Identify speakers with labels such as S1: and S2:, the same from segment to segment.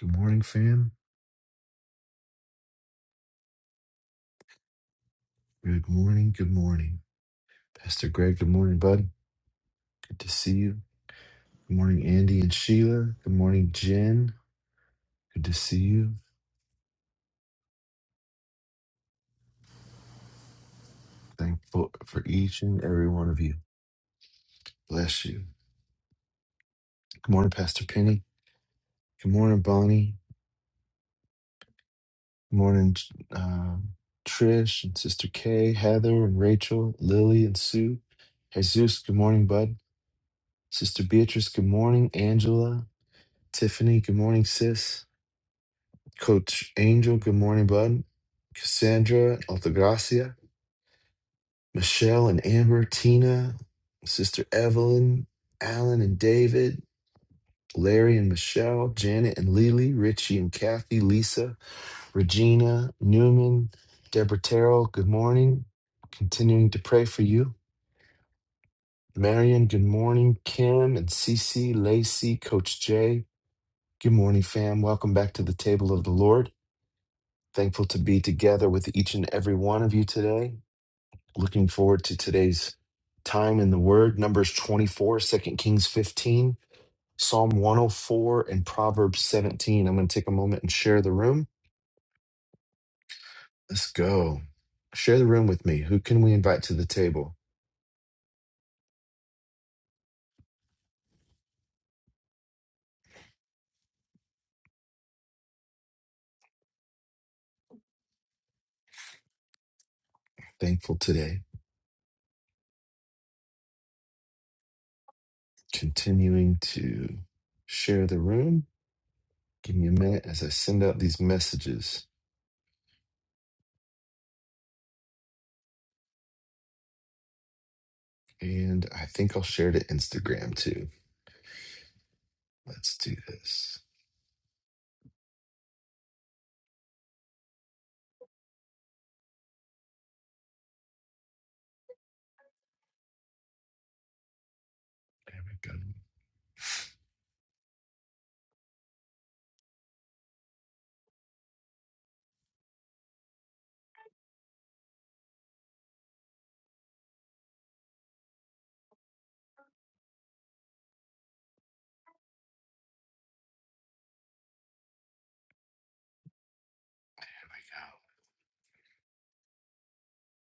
S1: Good morning, fam. Good morning. Good morning. Pastor Greg, good morning, bud. Good to see you. Good morning, Andy and Sheila. Good morning, Jen. Good to see you. Thankful for each and every one of you. Bless you. Good morning, Pastor Penny. Good morning, Bonnie. Good morning, um, Trish and Sister Kay, Heather and Rachel, Lily and Sue. Jesus, good morning, bud. Sister Beatrice, good morning. Angela, Tiffany, good morning, sis. Coach Angel, good morning, bud. Cassandra, Altagracia, Michelle and Amber, Tina, Sister Evelyn, Alan and David, Larry and Michelle, Janet and Lily, Richie and Kathy, Lisa, Regina, Newman, Deborah Terrell, good morning. Continuing to pray for you. Marion, good morning. Kim and Cece, Lacey, Coach Jay, good morning, fam. Welcome back to the table of the Lord. Thankful to be together with each and every one of you today. Looking forward to today's time in the Word. Numbers 24, 2 Kings 15, Psalm 104, and Proverbs 17. I'm going to take a moment and share the room. Let's go. Share the room with me. Who can we invite to the table? Thankful today. Continuing to share the room. Give me a minute as I send out these messages. And I think I'll share to Instagram too. Let's do this. There we go.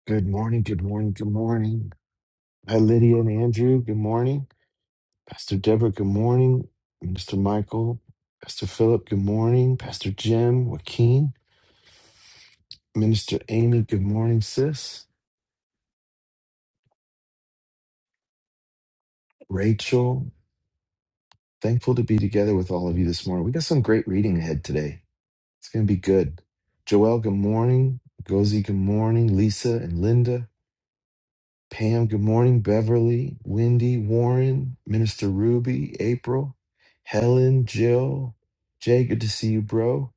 S1: Good morning, good morning, good morning. Hi, Lydia and Andrew. Good morning. Pastor Deborah, good morning. Mr. Michael, Pastor Philip, good morning. Pastor Jim, Joaquin, Minister Amy, good morning, sis. Rachel, thankful to be together with all of you this morning. We got some great reading ahead today. It's going to be good. Joel, good morning. Gozi, good morning. Lisa and Linda. Pam, good morning. Beverly, Wendy, Warren, Minister Ruby, April, Helen, Jill, Jay, good to see you, bro.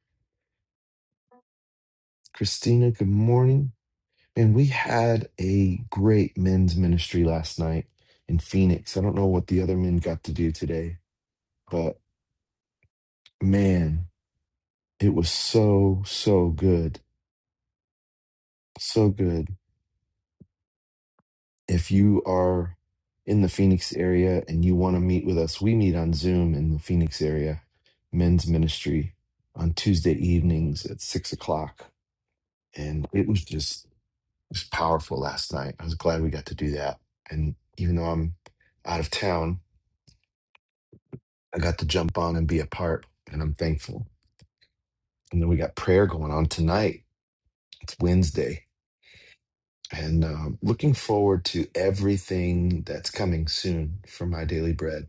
S1: Christina, good morning. And we had a great men's ministry last night in Phoenix. I don't know what the other men got to do today, but man, it was so, so good. So good. if you are in the Phoenix area and you want to meet with us, we meet on Zoom in the Phoenix area, men's ministry on Tuesday evenings at six o'clock. And it was just it was powerful last night. I was glad we got to do that. And even though I'm out of town, I got to jump on and be a part, and I'm thankful. And then we got prayer going on tonight. It's Wednesday. And um, looking forward to everything that's coming soon for my daily bread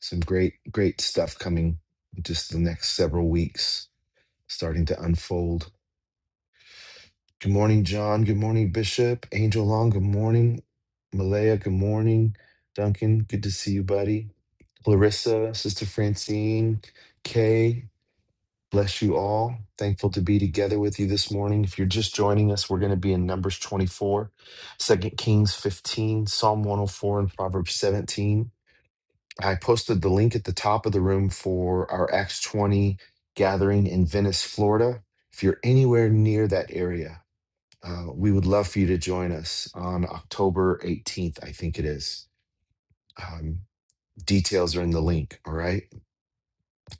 S1: Some great, great stuff coming just the next several weeks, starting to unfold. Good morning, John. Good morning, Bishop. Angel Long, good morning. Malaya, good morning. Duncan, good to see you, buddy. Larissa, Sister Francine, Kay, bless you all. Thankful to be together with you this morning. If you're just joining us, we're going to be in Numbers 24, Second Kings 15, Psalm 104, and Proverbs 17. I posted the link at the top of the room for our Acts 20 gathering in Venice, Florida. If you're anywhere near that area, uh, we would love for you to join us on October 18th, I think it is. Um, details are in the link, all right?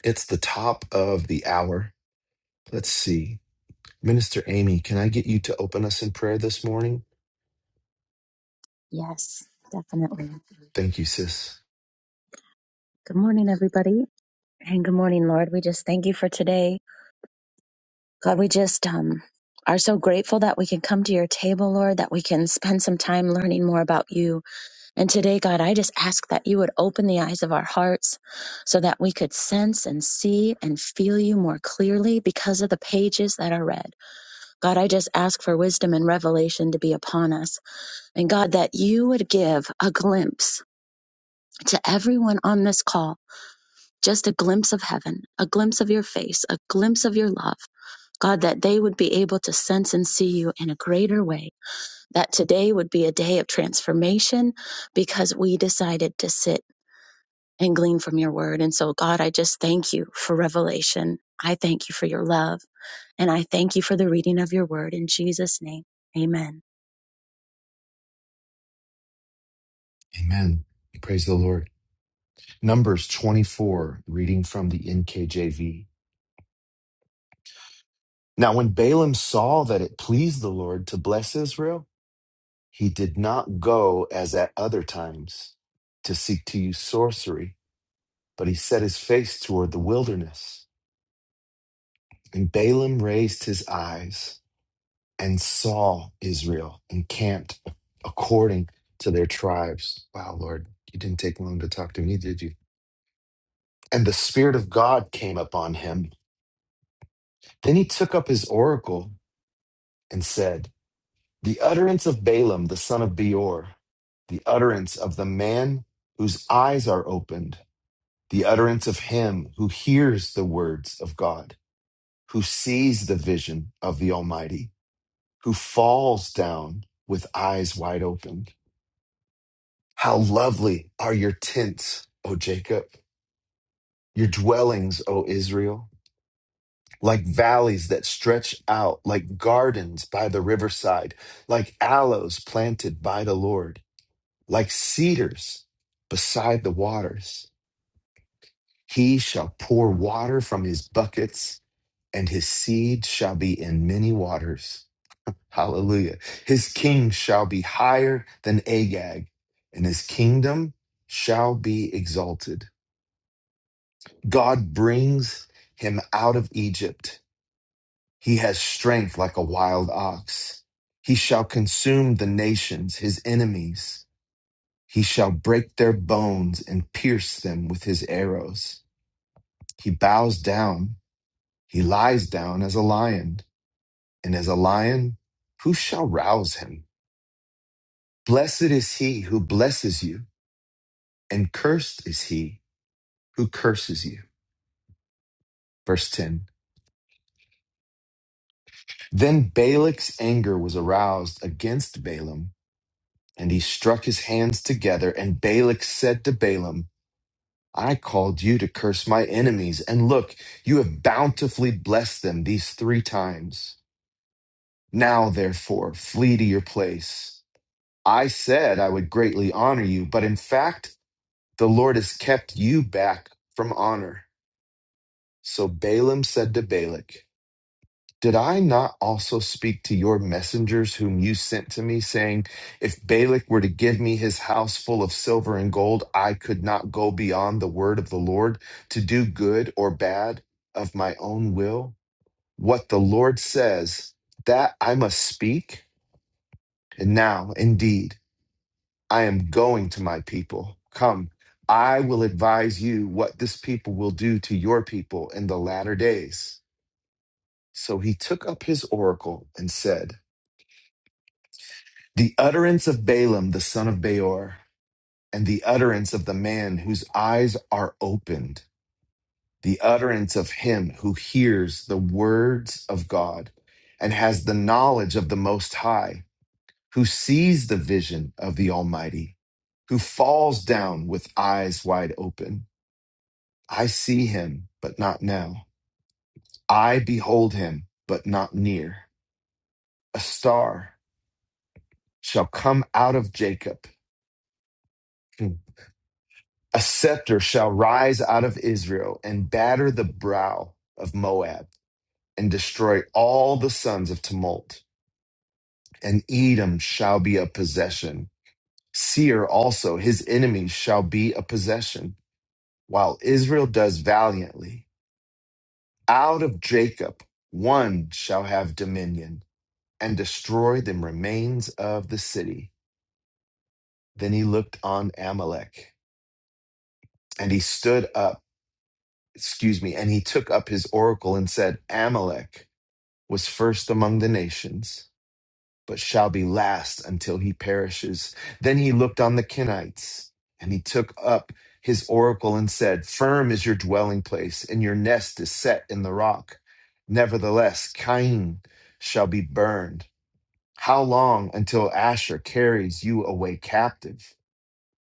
S1: It's the top of the hour. Let's see. Minister Amy, can I get you to open us in prayer this morning?
S2: Yes, definitely.
S1: Thank you, sis.
S2: Good morning, everybody. And good morning, Lord. We just thank you for today. God, we just um, are so grateful that we can come to your table, Lord, that we can spend some time learning more about you. And today, God, I just ask that you would open the eyes of our hearts so that we could sense and see and feel you more clearly because of the pages that are read. God, I just ask for wisdom and revelation to be upon us. And God, that you would give a glimpse to everyone on this call just a glimpse of heaven, a glimpse of your face, a glimpse of your love. God, that they would be able to sense and see you in a greater way. That today would be a day of transformation because we decided to sit and glean from your word. And so, God, I just thank you for revelation. I thank you for your love. And I thank you for the reading of your word. In Jesus' name, amen.
S1: Amen. Praise the Lord. Numbers 24, reading from the NKJV. Now, when Balaam saw that it pleased the Lord to bless Israel, he did not go as at other times to seek to use sorcery, but he set his face toward the wilderness. And Balaam raised his eyes and saw Israel encamped according to their tribes. Wow, Lord, you didn't take long to talk to me, did you? And the Spirit of God came upon him. Then he took up his oracle and said, The utterance of Balaam, the son of Beor, the utterance of the man whose eyes are opened, the utterance of him who hears the words of God, who sees the vision of the Almighty, who falls down with eyes wide open. How lovely are your tents, O Jacob, your dwellings, O Israel, like valleys that stretch out, like gardens by the riverside, like aloes planted by the Lord like cedars beside the waters. He shall pour water from his buckets, and his seed shall be in many waters. Hallelujah. His king shall be higher than Agag, and his kingdom shall be exalted. God brings him out of Egypt. He has strength like a wild ox. He shall consume the nations, his enemies. He shall break their bones and pierce them with his arrows. He bows down, he lies down as a lion, and as a lion, who shall rouse him? Blessed is he who blesses you, and cursed is he who curses you. Verse 10 Then Balak's anger was aroused against Balaam, and he struck his hands together. And Balak said to Balaam, I called you to curse my enemies, and look, you have bountifully blessed them these three times. Now, therefore, flee to your place. I said I would greatly honor you, but in fact, the Lord has kept you back from honor. So Balaam said to Balak, Did I not also speak to your messengers whom you sent to me, saying, If Balak were to give me his house full of silver and gold, I could not go beyond the word of the Lord to do good or bad of my own will? What the Lord says, that I must speak. And now, indeed, I am going to my people. Come, I will advise you what this people will do to your people in the latter days. So he took up his oracle and said, The utterance of Balaam, the son of Beor, and the utterance of the man whose eyes are opened, the utterance of him who hears the words of God and has the knowledge of the Most High, who sees the vision of the Almighty, who falls down with eyes wide open. I see him, but not now. I behold him, but not near. A star shall come out of Jacob. A scepter shall rise out of Israel and batter the brow of Moab and destroy all the sons of tumult. And Edom shall be a possession. Seir also, his enemies, shall be a possession, while Israel does valiantly. Out of Jacob one shall have dominion and destroy the remains of the city. Then he looked on Amalek and he stood up, excuse me, and he took up his oracle and said, Amalek. was first among the nations, but shall be last until he perishes. Then he looked on the Kenites, and he took up his oracle and said, Firm is your dwelling place, and your nest is set in the rock. Nevertheless, Cain shall be burned. How long until Asher carries you away captive?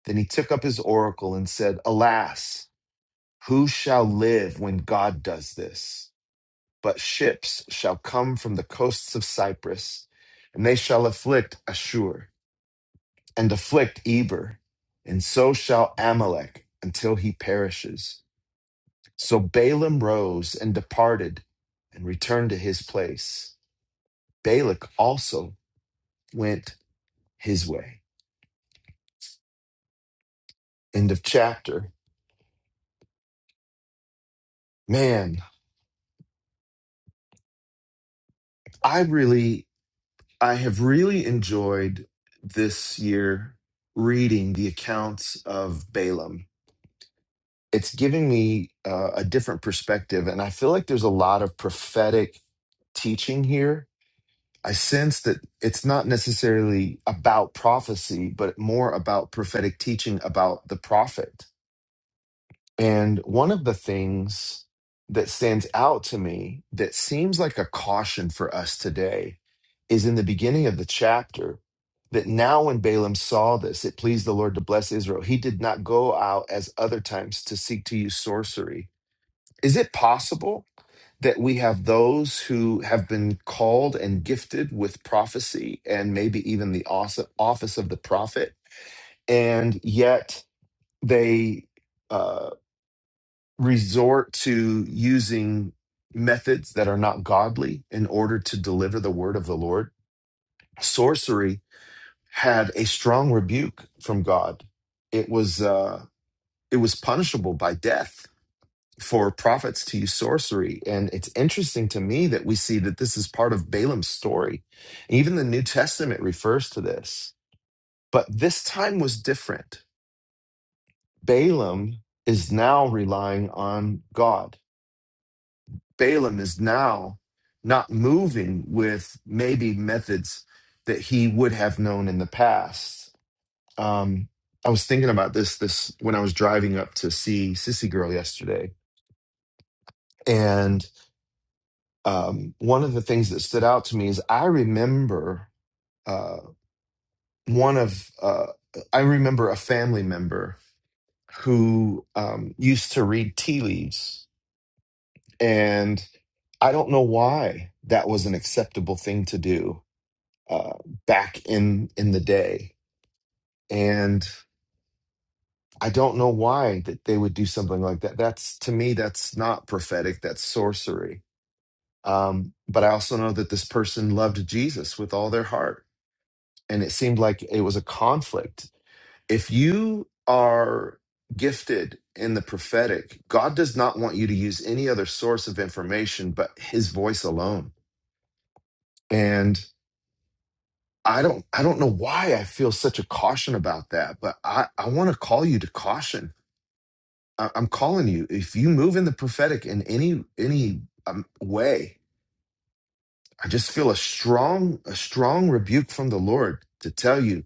S1: Then he took up his oracle and said, Alas, who shall live when God does this? But ships shall come from the coasts of Cyprus, and they shall afflict Ashur and afflict Eber, and so shall Amalek until he perishes. So Balaam rose and departed and returned to his place. Balak also went his way. End of chapter. Man, I really, I have really enjoyed this year reading the accounts of Balaam it's giving me uh, a different perspective and i feel like there's a lot of prophetic teaching here i sense that it's not necessarily about prophecy but more about prophetic teaching about the prophet and one of the things that stands out to me that seems like a caution for us today is in the beginning of the chapter that now when Balaam saw this, it pleased the Lord to bless Israel. He did not go out as other times to seek to use sorcery is it possible that we have those who have been called and gifted with prophecy and maybe even the os- office of the prophet, and yet they uh, resort to using methods that are not godly in order to deliver the word of the Lord? Sorcery had a strong rebuke from God. It was uh, it was punishable by death for prophets to use sorcery. And it's interesting to me that we see that this is part of Balaam's story. Even the New Testament refers to this, but this time was different. Balaam is now relying on God. Balaam is now not moving with maybe methods that he would have known in the past. Um, I was thinking about this this when I was driving up to see Sissy Girl yesterday, and. um, one of the things that stood out to me is I remember uh, one of uh, I remember a family member who um, used to read tea leaves, and I don't know why that was an acceptable thing to do uh, back in in the day, and I don't know why that they would do something like that. That's to me, that's not prophetic. That's sorcery. Um, but I also know that this person loved Jesus with all their heart and it seemed like it was a conflict. If you are gifted in the prophetic, God does not want you to use any other source of information but his voice alone. And I don't I don't know why I feel such a caution about that, but I, I want to call you to caution. I, I'm calling you. If you move in the prophetic in any any um, way, I just feel a strong a strong rebuke from the Lord to tell you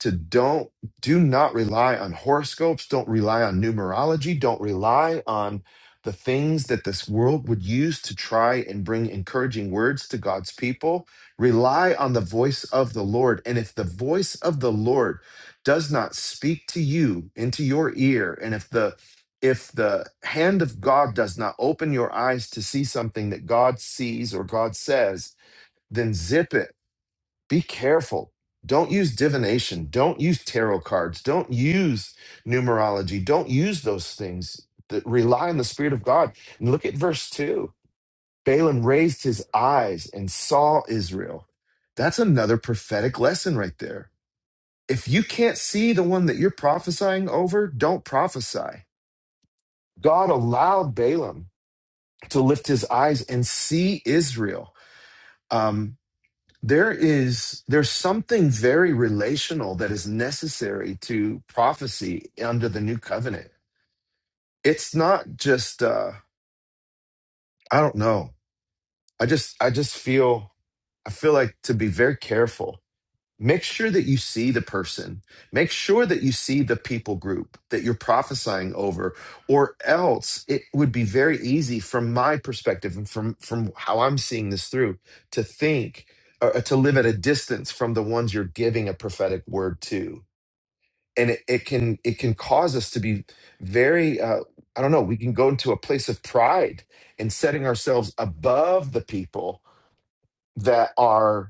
S1: to don't do not rely on horoscopes don't rely on numerology don't rely on the things that this world would use to try and bring encouraging words to God's people rely on the voice of the Lord and if the voice of the Lord does not speak to you into your ear and if the if the hand of God does not open your eyes to see something that God sees or God says then zip it be careful. Don't use divination. Don't use tarot cards. Don't use numerology. Don't use those things. Th- Rely on the Spirit of God. And look at verse 2. Balaam raised his eyes and saw Israel. That's another prophetic lesson right there. If you can't see the one that you're prophesying over, don't prophesy. God allowed Balaam to lift his eyes and see Israel. Um, there is there's something very relational that is necessary to prophecy under the new covenant it's not just uh i don't know i just i just feel i feel like to be very careful Make sure that you see the person. Make sure that you see the people group that you're prophesying over, or else it would be very easy, from my perspective and from, from how I'm seeing this through, to think or to live at a distance from the ones you're giving a prophetic word to. And it, it can it can cause us to be very uh, I don't know we can go into a place of pride and setting ourselves above the people that are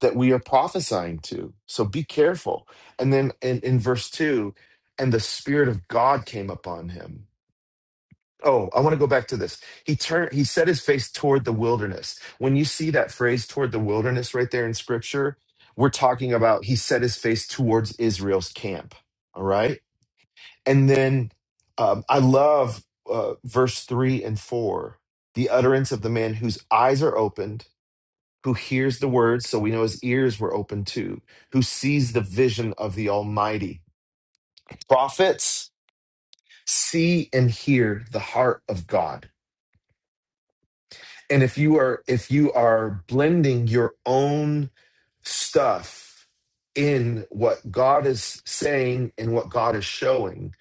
S1: that we are prophesying to. So be careful. And then in, in verse 2, and the Spirit of God came upon him. Oh, I want to go back to this. He turned he set his face toward the wilderness. When you see that phrase toward the wilderness right there in scripture, we're talking about he set his face towards Israel's camp. All right. And then um, I love uh, verse three and four the utterance of the man whose eyes are opened who hears the word, so we know his ears were open too, who sees the vision of the Almighty. Prophets see and hear the heart of God. And if you are if you are blending your own stuff in what God is saying and what God is showing,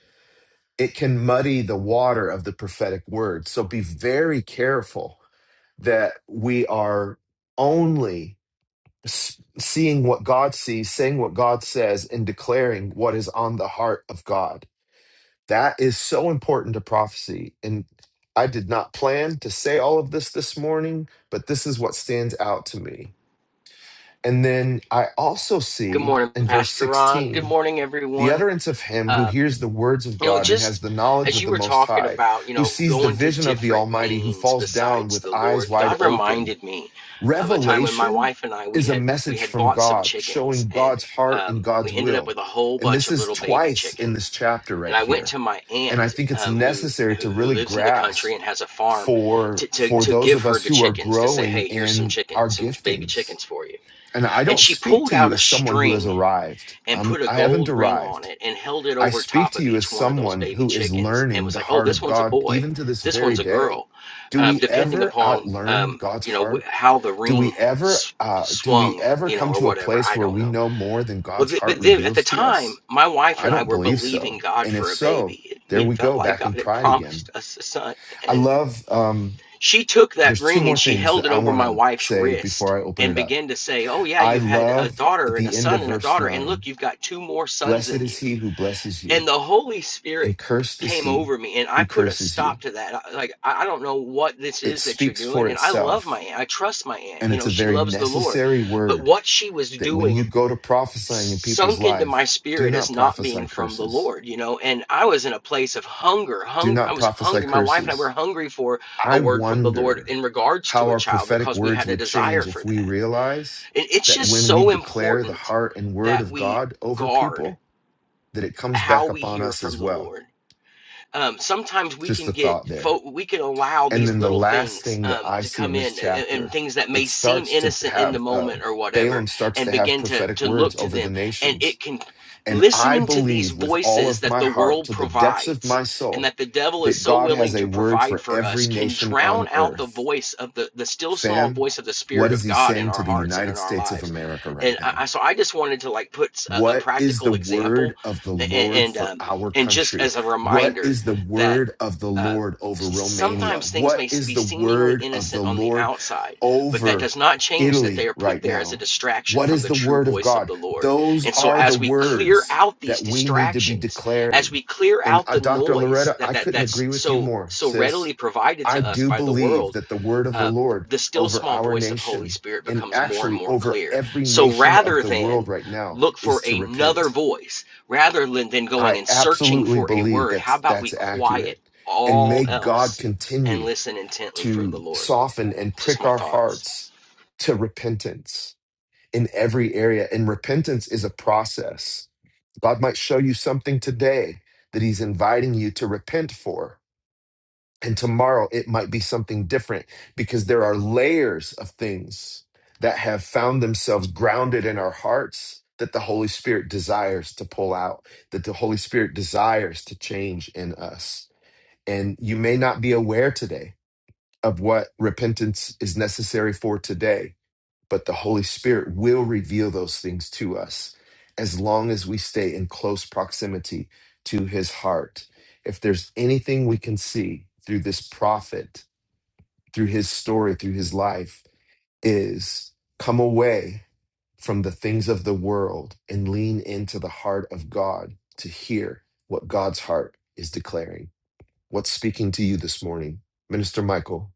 S1: it can muddy the water of the prophetic word. So be very careful that we are only seeing what God sees, saying what God says, and declaring what is on the heart of God. That is so important to prophecy. And I did not plan to say all of this this morning, but this is what stands out to me. And then I also
S3: Good
S1: see
S3: morning,
S1: in verse
S3: Pastor Ron. Good
S1: 16
S3: morning,
S1: the
S3: everyone.
S1: utterance of him who
S3: Um,
S1: hears the words of
S3: you know,
S1: God and has
S3: just
S1: the knowledge
S3: as
S1: of
S3: you
S1: the
S3: were
S1: Most
S3: talking
S1: High,
S3: about, you
S1: who
S3: know,
S1: sees the
S3: going to
S1: vision of the
S3: different
S1: Almighty, who
S3: means
S1: falls down
S3: besides
S1: with
S3: the
S1: eyes
S3: Lord,
S1: wide
S3: God
S1: open
S3: reminded me of a time when my
S1: Revelation
S3: wife and I we
S1: is a
S3: had we
S1: message
S3: had
S1: from
S3: bought some
S1: God
S3: chickens,
S1: showing
S3: and
S1: God's heart
S3: um,
S1: and God's
S3: we ended up with
S1: will.
S3: a whole
S1: And
S3: bunch
S1: this
S3: of
S1: is
S3: little baby
S1: twice in this
S3: chickens.
S1: chapter
S3: And
S1: right
S3: I went
S1: here.
S3: to my
S1: And I
S3: aunt,
S1: think it's
S3: um, who
S1: necessary to
S3: who who
S1: really
S3: lives in the country
S1: grasp
S3: and has a farm,
S1: for
S3: to, to
S1: for
S3: to
S1: those
S3: give
S1: of
S3: her
S1: us
S3: the
S1: who are
S3: chickens to say,
S1: growing
S3: hey, here's some
S1: in
S3: chicken,
S1: our
S3: some baby
S1: giftings.
S3: chickens for you.
S1: And I
S3: And
S1: don't
S3: she
S1: speak
S3: pulled
S1: to
S3: out
S1: you
S3: a
S1: as someone who has
S3: string
S1: arrived.
S3: and
S1: I'm,
S3: put a
S1: I haven't
S3: gold ring on
S1: arrived.
S3: it and held it
S1: I
S3: over
S1: speak
S3: top
S1: to
S3: of
S1: you as
S3: each one of those
S1: someone
S3: baby
S1: who is
S3: chickens and
S1: learning
S3: was
S1: the
S3: like, oh,
S1: heart
S3: this
S1: of
S3: one's a
S1: God
S3: boy,
S1: even to this
S3: this
S1: very
S3: one's a
S1: day.
S3: girl,
S1: Do
S3: um,
S1: we
S3: depending
S1: ever
S3: upon
S1: outlearn
S3: um,
S1: God's
S3: you know
S1: heart?
S3: wh- how the
S1: do
S3: ring
S1: we ever
S3: s-
S1: uh, do we
S3: swung,
S1: ever
S3: you know,
S1: come
S3: or
S1: to a
S3: whatever.
S1: place
S3: I
S1: where
S3: don't
S1: we
S3: know.
S1: know more than
S3: Well,
S1: god's
S3: th-
S1: heart
S3: but then at the
S1: reveals to
S3: time,
S1: us
S3: my wife
S1: i
S3: and I
S1: don't
S3: were
S1: believe
S3: believing
S1: so
S3: God
S1: and if
S3: for a
S1: so
S3: baby.
S1: there
S3: We
S1: we
S3: felt
S1: go
S3: like
S1: back
S3: God
S1: in
S3: had
S1: pride again
S3: promised us a son,
S1: i
S3: and.
S1: love um,
S3: She took that
S1: there's two
S3: ring and
S1: more
S3: she
S1: things
S3: held
S1: that
S3: it
S1: i
S3: over
S1: want
S3: my
S1: to
S3: wife's
S1: say
S3: wrist
S1: before i open
S3: and
S1: it up
S3: began to say, Oh, yeah,
S1: i
S3: you've had a
S1: love at
S3: daughter and a
S1: the end
S3: son
S1: of
S3: and a
S1: verse
S3: daughter. And look,
S1: 9
S3: you've got two more sons
S1: blessed
S3: in
S1: is
S3: you.
S1: he who blesses you
S3: And the Holy Spirit
S1: and cursed is
S3: came
S1: he
S3: over me and I
S1: who
S3: put a
S1: curses you
S3: stop to that. I- Like, I I don't know what this
S1: it
S3: is that you're
S1: speaks for
S3: doing. And I love my
S1: itself
S3: aunt. I trust my aunt.
S1: and
S3: You
S1: it's
S3: know,
S1: a
S3: she
S1: very
S3: loves the Lord.
S1: necessary
S3: But
S1: word
S3: what she was
S1: that when
S3: doing
S1: you go to prophesying in people's
S3: sunk into my
S1: life, do
S3: spirit as
S1: not
S3: not
S1: prophesy
S3: being from the
S1: curses.
S3: Lord, you know. And I was in a place of hunger,
S1: Do
S3: hunger. I
S1: not
S3: was
S1: prophesy
S3: hungry. My wife and I were
S1: curses.
S3: hungry for a
S1: I
S3: word from the Lord
S1: wonder
S3: in regards
S1: how
S3: to a
S1: our
S3: child
S1: prophetic
S3: because we
S1: words
S3: had a
S1: would
S3: desire
S1: change
S3: for
S1: if we
S3: that.
S1: realize
S3: And it's
S1: that
S3: just
S1: when we
S3: so
S1: declare the
S3: important
S1: heart and word
S3: that
S1: of
S3: we
S1: God over
S3: guard
S1: people, that it comes
S3: how
S1: back
S3: we
S1: upon
S3: hear
S1: us
S3: from
S1: as
S3: the
S1: well.
S3: Lord um, sometimes we
S1: Just
S3: can
S1: a
S3: get
S1: thought there.
S3: fo- we can allow
S1: And
S3: these
S1: then the
S3: little
S1: last
S3: things
S1: thing that
S3: um,
S1: I
S3: to
S1: see
S3: come
S1: in this
S3: in and, and
S1: chapter,
S3: things that
S1: it
S3: may seem
S1: starts to
S3: innocent in the
S1: have uh,
S3: moment or whatever
S1: Balaam starts
S3: and
S1: to have
S3: begin to
S1: prophetic
S3: to
S1: words
S3: look to
S1: over the
S3: them and
S1: nations
S3: it can
S1: And I
S3: listening to these
S1: believe with all
S3: voices
S1: of
S3: that
S1: my
S3: the
S1: heart,
S3: world
S1: to the depths of
S3: provides
S1: my
S3: and
S1: soul,
S3: that the devil is
S1: that
S3: so
S1: God
S3: willing
S1: has a
S3: to
S1: word
S3: provide
S1: for
S3: for us
S1: every
S3: can
S1: nation
S3: drown
S1: on
S3: out the
S1: earth.
S3: voice of the the still small
S1: Fam,
S3: voice of the
S1: what
S3: spirit
S1: is
S3: of
S1: he
S3: god in
S1: saying
S3: our
S1: to the
S3: hearts and in
S1: United
S3: our
S1: States of
S3: lives
S1: America right
S3: and i,
S1: now?
S3: so i just wanted to like put a a
S1: What is the
S3: practical example
S1: word of the
S3: and,
S1: Lord
S3: and
S1: for
S3: um
S1: our
S3: and just
S1: country?
S3: as a
S1: What
S3: reminder
S1: is the
S3: that
S1: word of the
S3: uh,
S1: Lord over Romania?
S3: sometimes things
S1: What
S3: may
S1: is
S3: be
S1: the
S3: seemingly
S1: word of
S3: innocent
S1: the
S3: on the
S1: Lord
S3: outside, but that
S1: over
S3: does not change that they
S1: Italy
S3: are put
S1: right
S3: there as a
S1: now?
S3: distraction
S1: What
S3: from
S1: is
S3: the
S1: the
S3: true
S1: word of
S3: voice of
S1: God?
S3: the Lord.
S1: Those
S3: And so,
S1: are the
S3: as we clear
S1: words
S3: out these
S1: that we need to be
S3: distractions, as
S1: declaring.
S3: we clear
S1: And
S3: out
S1: uh,
S3: the
S1: Dr.
S3: noise
S1: Loretta,
S3: that,
S1: I
S3: that
S1: couldn't
S3: that's
S1: agree with you
S3: so
S1: more,
S3: so readily
S1: sis.
S3: provided
S1: I
S3: to us
S1: do
S3: by the world
S1: believe that the word of the
S3: uh,
S1: Lord
S3: the still
S1: over
S3: small
S1: our
S3: voice of Holy
S1: nation
S3: Spirit
S1: and
S3: becomes more and
S1: actually
S3: more
S1: over
S3: clear.
S1: every
S3: So
S1: nation of
S3: rather
S1: the
S3: than
S1: world right now
S3: look for
S1: is to
S3: another
S1: repent.
S3: voice, rather than than going
S1: I
S3: and searching
S1: absolutely
S3: for a
S1: believe
S3: word, how
S1: that
S3: about we
S1: that's
S3: quiet
S1: accurate. And
S3: all
S1: may God
S3: else and
S1: continue
S3: listen intently for the
S1: to
S3: Lord?
S1: soften and
S3: Just
S1: prick
S3: my
S1: our
S3: thoughts.
S1: hearts to repentance in every area. And repentance is a process. God might show you something today that he's inviting you to repent for And tomorrow it might be something different because there are layers of things that have found themselves grounded in our hearts that the Holy Spirit desires to pull out, that the Holy Spirit desires to change in us. And you may not be aware today of what repentance is necessary for today but the Holy Spirit will reveal those things to us as long as we stay in close proximity to his heart. If there's anything we can see through this prophet, through his story, through his life, is come away from the things of the world and lean into the heart of God to hear what God's heart is declaring. What's speaking to you this morning, Minister Michael?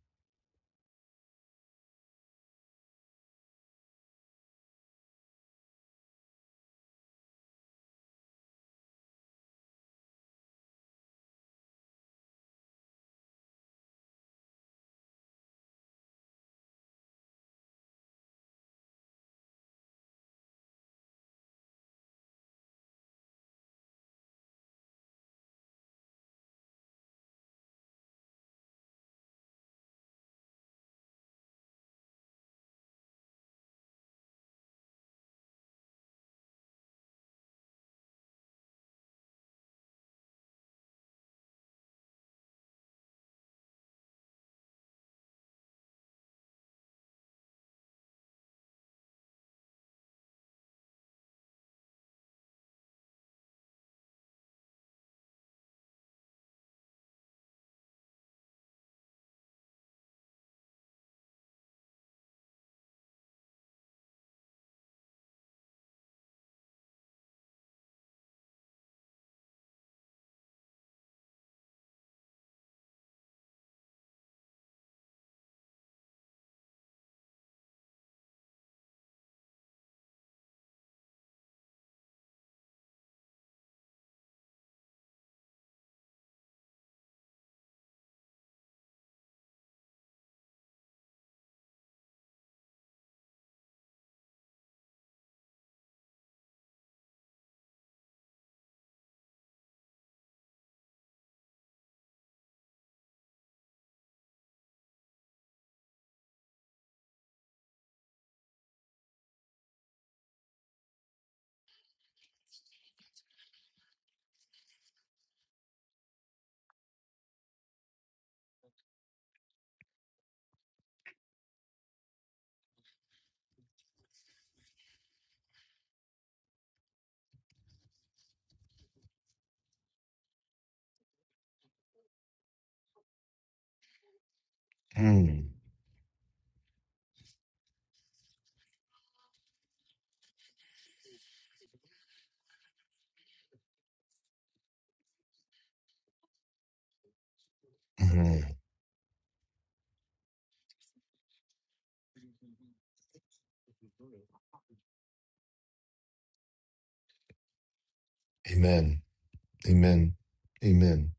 S1: Mm, mm, Amen. Amen. Amen.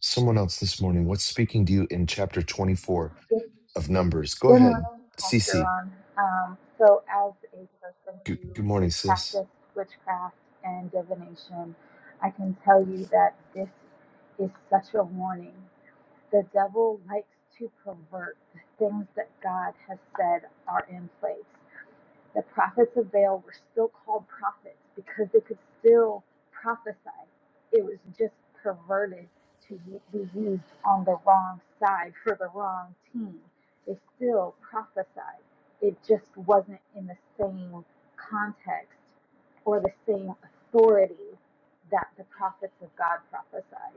S1: Someone else this morning, what's speaking to you in chapter 24
S4: Good
S1: of Numbers? Go
S4: good
S1: ahead,
S4: morning, Pastor
S1: Cece.
S4: Ron. Um, so, as a person
S1: Good,
S4: who
S1: good morning, sis.
S4: practiced witchcraft and divination, I can tell you that this is such a warning. The devil likes to pervert the things that God has said are in place. The prophets of Baal were still called prophets because they could still prophesy. It was just perverted to be used on the wrong side for the wrong team. They still prophesied. It just wasn't in the same context or the same authority that the prophets of God prophesied.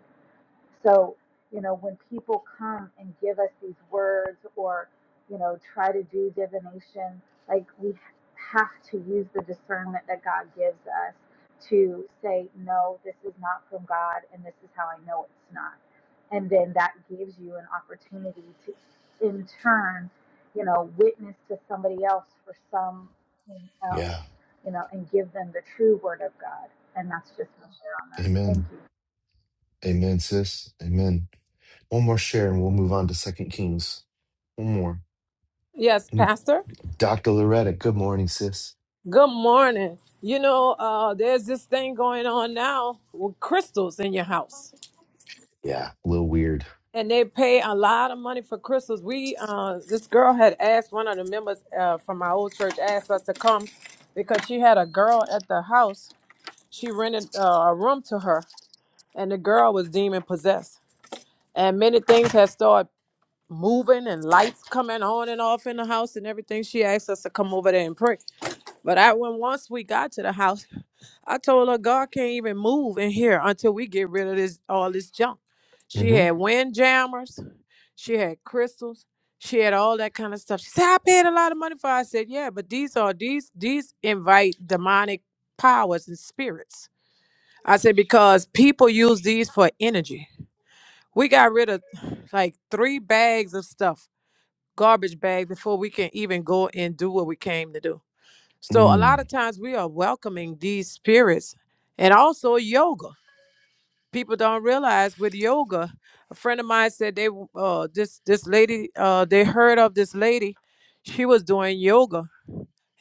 S4: So, you know, when people come and give us these words or, you know, try to do divination, like we have to use the discernment that God gives us to say, no, this is not from God and this is how I know it's not. And then that gives you an opportunity to, in turn, you know, witness to somebody else for something else,
S1: Yeah.
S4: you know, and give them the true word of God. And that's just my share on that. Thank
S1: Amen.
S4: you.
S1: Amen, sis. Amen. One more share and we'll move on to Second Kings. One more.
S5: Yes,
S1: Mm,
S5: Pastor.
S1: Dr. Loretta, good morning, sis.
S5: Good morning. You know, uh, there's this thing going on now with crystals in your house,
S1: Yeah, a little weird.
S5: and they pay a lot of money for crystals. We, uh, this girl had asked one of the members uh, from my old church asked us to come because she had a girl at the house. She rented uh, a room to her, and the girl was demon possessed, and many things had started moving and lights coming on and off in the house and everything. She asked us to come over there and pray. But I when once we got to the house. I told her God can't even move in here until we get rid of this all this junk. She
S1: Mm-hmm.
S5: had wind jammers, she had crystals, she had all that kind of stuff. She said, I paid a lot of money for it." I said, Yeah, but these are these these invite demonic powers and spirits. I said, because people use these for energy. We got rid of like three bags of stuff, garbage bag, before we can even go and do what we came to do. So a lot
S1: Mm,
S5: of times we are welcoming these spirits and also yoga people don't realize with yoga a friend of mine said they uh this this lady uh they heard of this lady she was doing yoga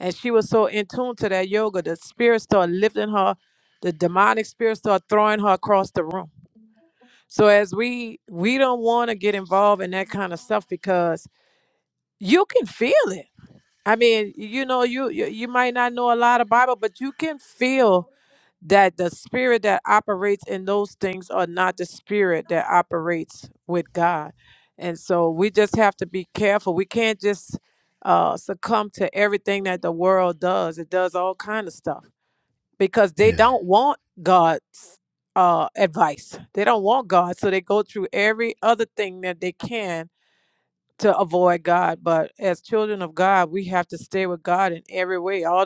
S5: and she was so in tune to that yoga the spirit started lifting her the demonic spirit started throwing her across the room so as we we don't want to get involved in that kind of stuff because you can feel it i mean you know you you, you might not know a lot of bible but you can feel that the spirit that operates in those things are not the spirit that operates with God. And so we just have to be careful. We can't just uh, succumb to everything that the world does. It does all kind of stuff because they
S1: yeah.
S5: don't want God's uh, advice. They don't want God, so they go through every other thing that they can to avoid God. But as children of God, we have to stay with God in every way. All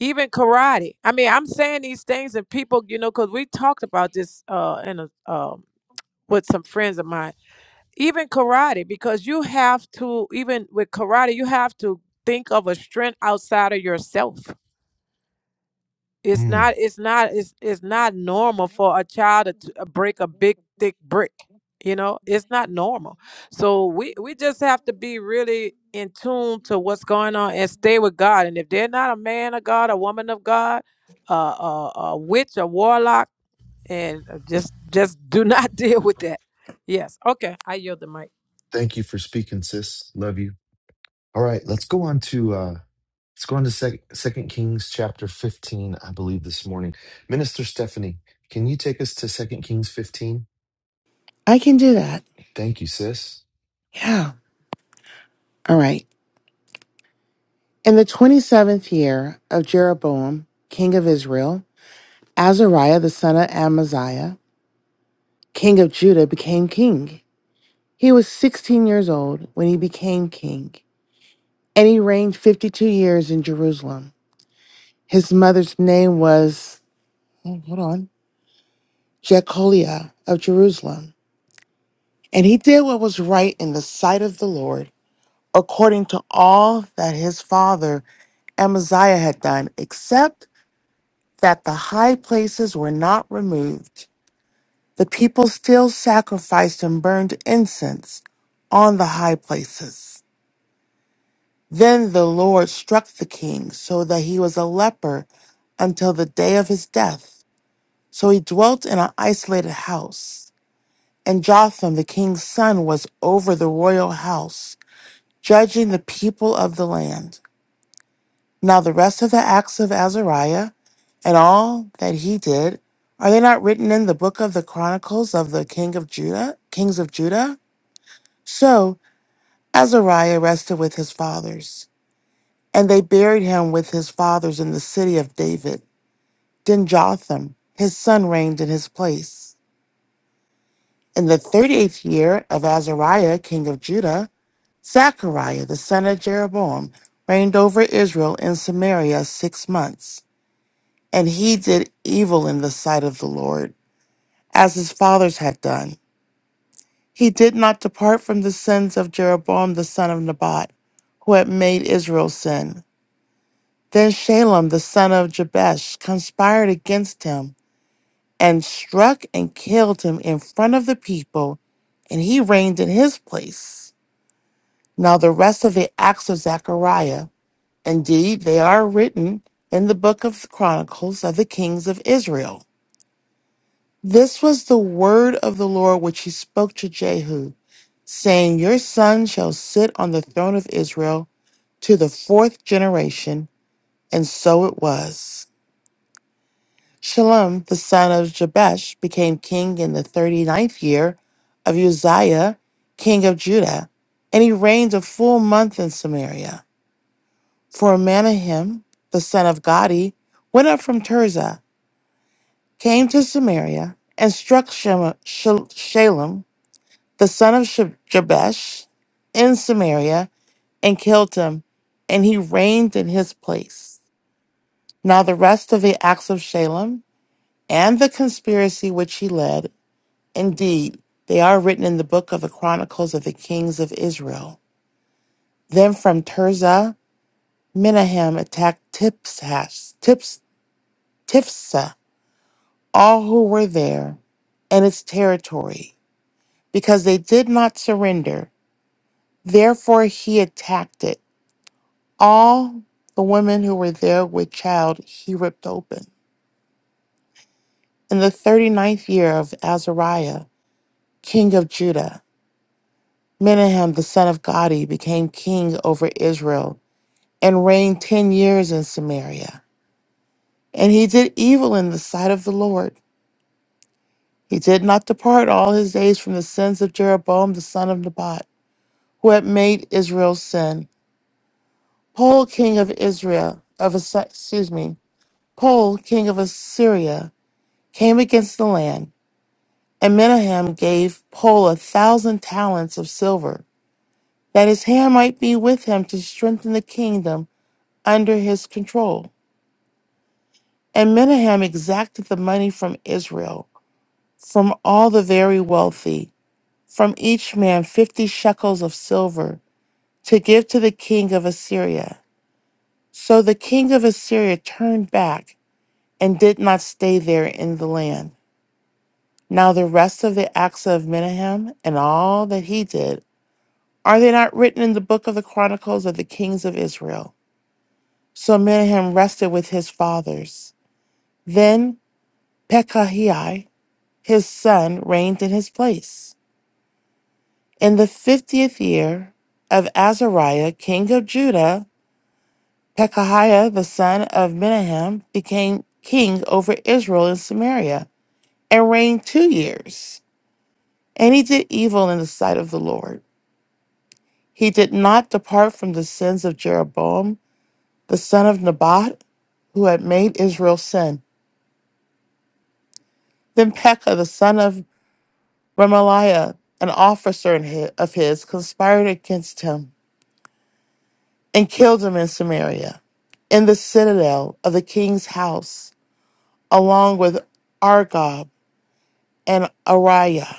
S5: even karate. I mean, I'm saying these things, and people, you know, because we talked about this uh, in a, um, with some friends of mine. Even karate, because you have to, even with karate, you have to think of a strength outside of yourself. It's
S1: Mm.
S5: not. It's not. It's it's not normal for a child to t- uh, break a big thick brick. You know, it's not normal. So we we just have to be really in tune to what's going on and stay with God. And if they're not a man of God, a woman of God, uh, a, a witch, a warlock, and uh, just just do not deal with that. Yes. Okay. I yield the mic.
S1: Thank you for speaking, sis. Love you. All right, let's go on to uh let's go on to sec- Second Kings chapter 15, I believe this morning. Minister Stephanie, can you take us to Second Kings 15?
S6: I can do that.
S1: Thank you, sis.
S6: Yeah. All right. In the 27th year of Jeroboam, king of Israel, Azariah the son of Amaziah, king of Judah, became king. He was 16 years old when he became king, and he reigned 52 years in Jerusalem. His mother's name was, oh, hold on, Jecholiah of Jerusalem. And he did what was right in the sight of the Lord, according to all that his father Amaziah had done, except that the high places were not removed. The people still sacrificed and burned incense on the high places. Then the Lord struck the king so that he was a leper until the day of his death. So he dwelt in an isolated house. And Jotham, the king's son, was over the royal house, judging the people of the land. Now the rest of the acts of Azariah, and all that he did, are they not written in the book of the chronicles of the king of Judah, kings of Judah? So Azariah rested with his fathers, and they buried him with his fathers in the city of David. Then Jotham, his son, reigned in his place. In the thirty eighth year of Azariah, king of Judah, Zechariah, the son of Jeroboam, reigned over Israel in Samaria six months. And he did evil in the sight of the Lord, as his fathers had done. He did not depart from the sins of Jeroboam the son of Nebat, who had made Israel sin. Then Shalem the son of Jabesh conspired against him and struck and killed him in front of the people, and he reigned in his place. Now the rest of the acts of Zechariah, indeed, they are written in the book of Chronicles of the kings of Israel. This was the word of the Lord which he spoke to Jehu, saying, Your son shall sit on the throne of Israel to the fourth generation. And so it was. Shalom, the son of Jabesh, became king in the thirty-ninth year of Uzziah, king of Judah, and he reigned a full month in Samaria. For Manahem, the son of Gadi, went up from Tirzah, came to Samaria, and struck Shema- Shal- Shalem, the son of Sheb- Jabesh, in Samaria, and killed him, and he reigned in his place. Now the rest of the acts of Shalem and the conspiracy which he led, indeed, they are written in the book of the Chronicles of the Kings of Israel. Then from Tirzah, Menahem attacked Tipshash, Tips, Tifsa, all who were there, and its territory, because they did not surrender. Therefore he attacked it All the women who were there with child he ripped open. In the thirty ninth year of Azariah, king of Judah, Menahem the son of Gadi became king over Israel and reigned ten years in Samaria. And he did evil in the sight of the Lord. He did not depart all his days from the sins of Jeroboam the son of Nebat, who had made Israel sin. Paul king of Israel of Assy- excuse me, Paul king of Assyria came against the land And Menahem gave Pul a thousand talents of silver, that his hand might be with him to strengthen the kingdom under his control. And Menahem exacted the money from Israel, from all the very wealthy, from each man fifty shekels of silver, to give to the king of Assyria. So the king of Assyria turned back and did not stay there in the land. Now the rest of the acts of Menahem and all that he did Are they not written in the book of the Chronicles of the Kings of Israel? So Menahem rested with his fathers. Then Pekahiah, his son, reigned in his place. In the fiftieth year of Azariah, king of Judah, Pekahiah, the son of Menahem, became king over Israel in Samaria and reigned two years. And he did evil in the sight of the Lord. He did not depart from the sins of Jeroboam, the son of Nebat who had made Israel sin. Then Pekah, the son of Remaliah, an officer in hi- of his, conspired against him and killed him in Samaria, in the citadel of the king's house, along with Argob and Ariah.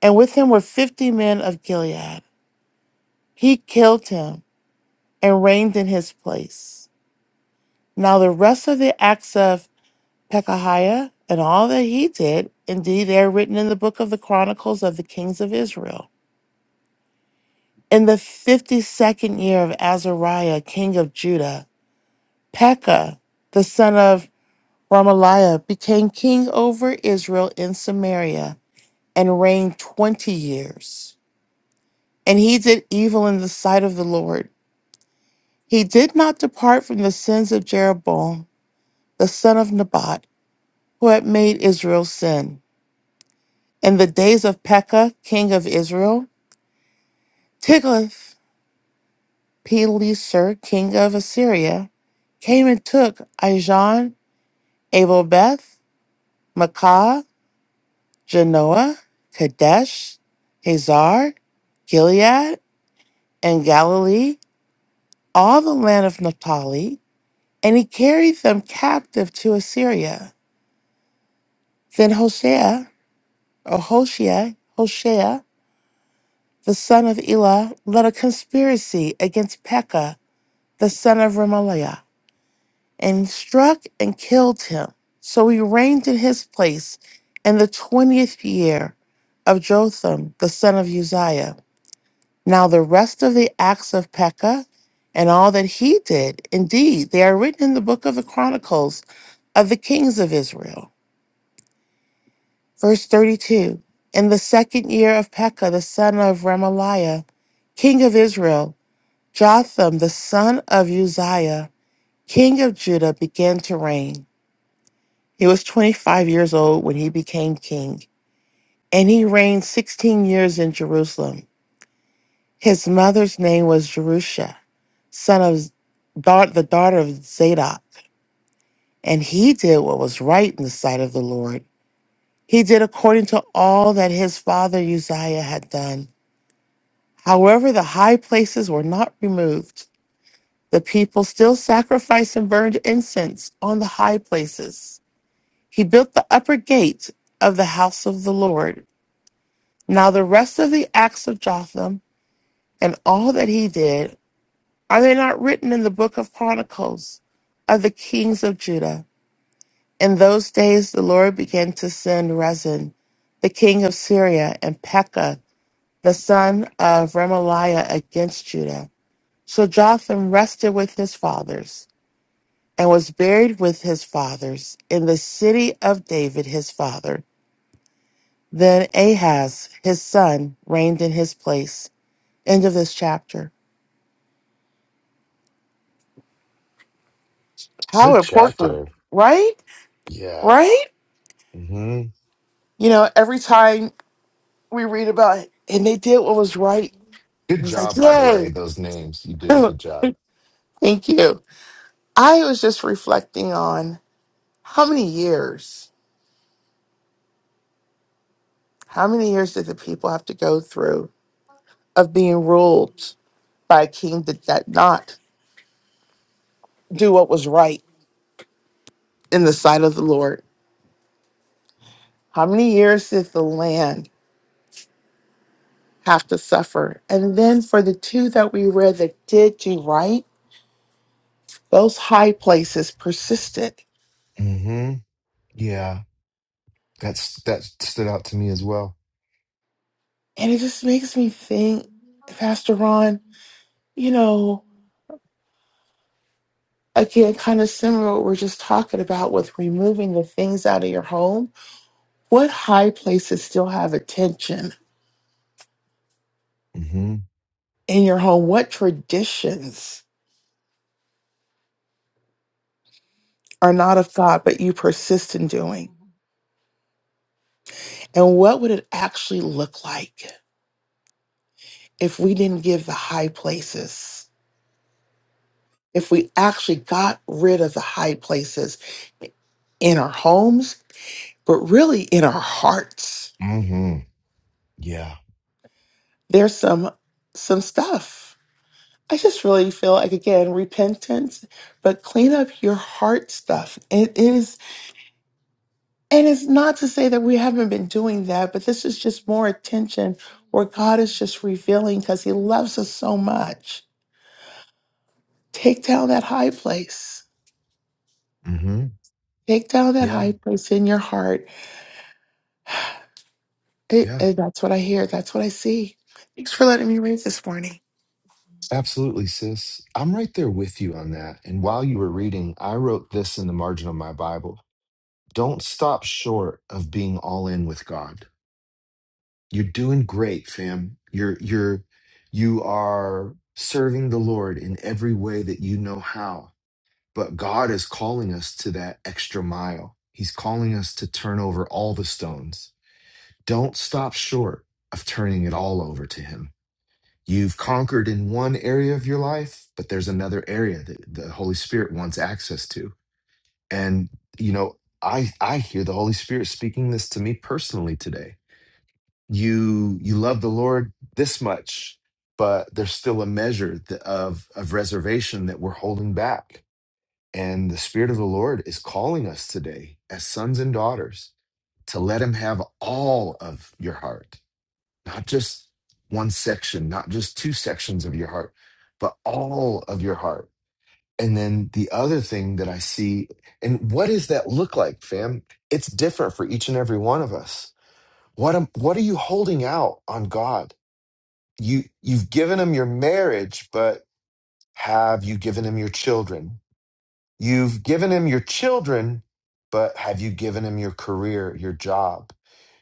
S6: And with him were fifty men of Gilead. He killed him and reigned in his place. Now the rest of the acts of Pekahiah and all that he did, indeed, they are written in the book of the Chronicles of the Kings of Israel. In the fifty second year of Azariah, king of Judah, Pekah, the son of Ramaliah, became king over Israel in Samaria and reigned twenty years. And he did evil in the sight of the Lord. He did not depart from the sins of Jeroboam, the son of Nebat, who had made Israel sin. In the days of Pekah, king of Israel, Tiglath-Pileser, king of Assyria, came and took Ijon Abel Beth, Makah, Genoa, Kadesh, Hazar, Gilead, and Galilee, all the land of Naphtali, and he carried them captive to Assyria. Then Hoshea, or Hoshea, Hoshea, the son of Elah, led a conspiracy against Pekah, the son of Remaliah and struck and killed him. So he reigned in his place in the twentieth year of Jotham, the son of Uzziah. Now the rest of the acts of Pekah and all that he did, indeed, they are written in the book of the Chronicles of the kings of Israel. Verse 32 In the second year of Pekah, the son of Remaliah, king of Israel, Jotham, the son of Uzziah, king of Judah, began to reign. He was 25 years old when he became king, and he reigned 16 years in Jerusalem. His mother's name was Jerusha, son of da- the daughter of Zadok, and he did what was right in the sight of the Lord. He did according to all that his father Uzziah had done. However, the high places were not removed. The people still sacrificed and burned incense on the high places. He built the upper gate of the house of the Lord Now the rest of the acts of Jotham and all that he did, are they not written in the book of Chronicles of the kings of Judah? In those days the Lord began to send Rezin, the king of Syria, and Pekah, the son of Remaliah, against Judah. So Jotham rested with his fathers and was buried with his fathers in the city of David his father. Then Ahaz, his son, reigned in his place. End of this chapter. How
S1: Good
S6: important,
S1: chapter.
S6: right?
S1: Yeah.
S6: Right?
S1: hmm
S6: You know, every time we read about it, and they did what was right, it
S1: Good
S6: was like,
S1: job, by the way.
S6: yay,
S1: Those names. You did a good job.
S6: thank you. I was just reflecting on how many years, how many years did the people have to go through of being ruled by a king that did not do what was right in the sight of the Lord? How many years did the land have to suffer? And then for the two that we read that did do right, those high places persisted
S1: Mhm. Yeah. That's that stood out to me as well.
S6: And it just makes me think, Pastor Ron, you know, again, kind of similar what we're just talking about with removing the things out of your home. What high places still have attention
S1: Mhm.
S6: in your home? What traditions are not of God, but you persist in doing? And what would it actually look like if we didn't give the high places? If we actually got rid of the high places in our homes, but really in our hearts?
S1: Mhm. Yeah.
S6: there's some some stuff. I just really feel like again repentance, but clean up your heart stuff. It is, and it's not to say that we haven't been doing that, but this is just more attention where God is just revealing because He loves us so much. Take down that high place.
S1: Mhm.
S6: Take down that
S1: Yeah.
S6: high place in your heart. It,
S1: Yeah.
S6: and that's what I hear. That's what I see. Thanks for letting me read this morning.
S1: Absolutely, sis. I'm right there with you on that. And while you were reading, I wrote this in the margin of my Bible. don't stop short of being all in with God. You're doing great, fam. You're you're you are serving the Lord in every way that you know how. But God is calling us to that extra mile. He's calling us to turn over all the stones. Don't stop short of turning it all over to him. You've conquered in one area of your life, but there's another area that the Holy Spirit wants access to and you know i i hear the holy spirit speaking this to me personally today you you love the lord this much but there's still a measure th- of of reservation that we're holding back and the spirit of the lord is calling us today as sons and daughters to let him have all of your heart not just one section not just two sections of your heart but all of your heart and then the other thing that I see, and what does that look like, fam? It's different for each and every one of us. What am, what are you holding out on God? You you've given him your marriage, but have you given him your children? You've given him your children, but have you given him your career, your job?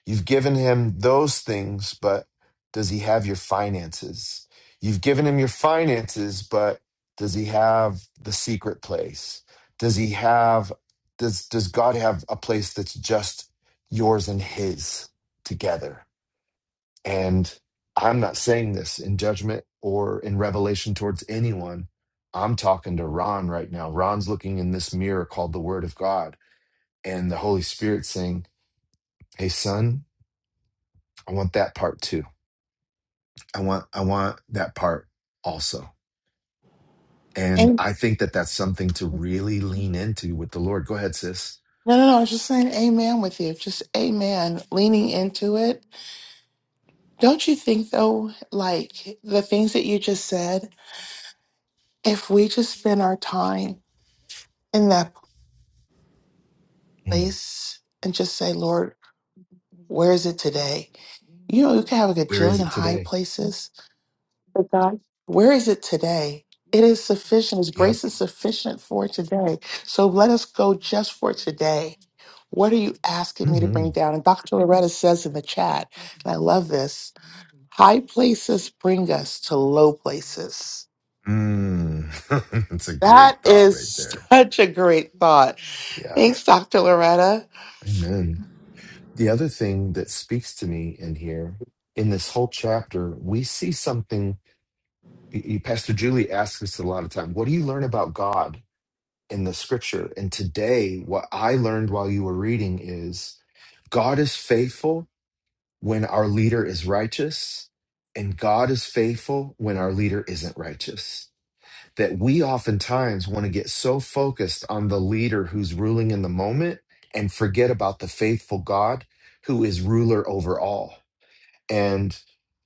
S1: You've given him those things, but does he have your finances? You've given him your finances, but does he have the secret place? Does he have does does God have a place that's just yours and his together? And I'm not saying this in judgment or in revelation towards anyone. I'm talking to Ron right now. Ron's looking in this mirror called the Word of God, and the Holy Spirit saying, "Hey, son, I want that part too. I want, I want that part also." And
S6: And
S1: I think that that's something to really lean into with the Lord. Go ahead, sis.
S6: no, no, no. I was just saying, amen with you. Just amen, leaning into it. Don't you think, though, like the things that you just said, if we just spend our time in that
S1: Mm.
S6: place and just say, Lord, where is it today? You know, you can have like, a
S1: Where is
S6: gajillion
S1: it
S6: high
S1: today?
S6: places, But God, where is it today? It is sufficient. His
S1: Yep.
S6: grace is sufficient for today. So let us go just for today. What are you asking me to
S1: Mm-hmm.
S6: bring down? And Dr. Loretta says in the chat, and I love this high places bring us to low places.
S1: Mm. That's a great
S6: That
S1: thought
S6: is
S1: right there.
S6: such a great thought.
S1: Yeah.
S6: Thanks, Dr. Loretta.
S1: Amen. The other thing that speaks to me in here, in this whole chapter, we see something. y- y- Pastor Julie asks us a lot of time, what do you learn about God in the scripture? And today, what I learned while you were reading is God is faithful when our leader is righteous, and God is faithful when our leader isn't righteous. that we oftentimes want to get so focused on the leader who's ruling in the moment and forget about the faithful God who is ruler over all. And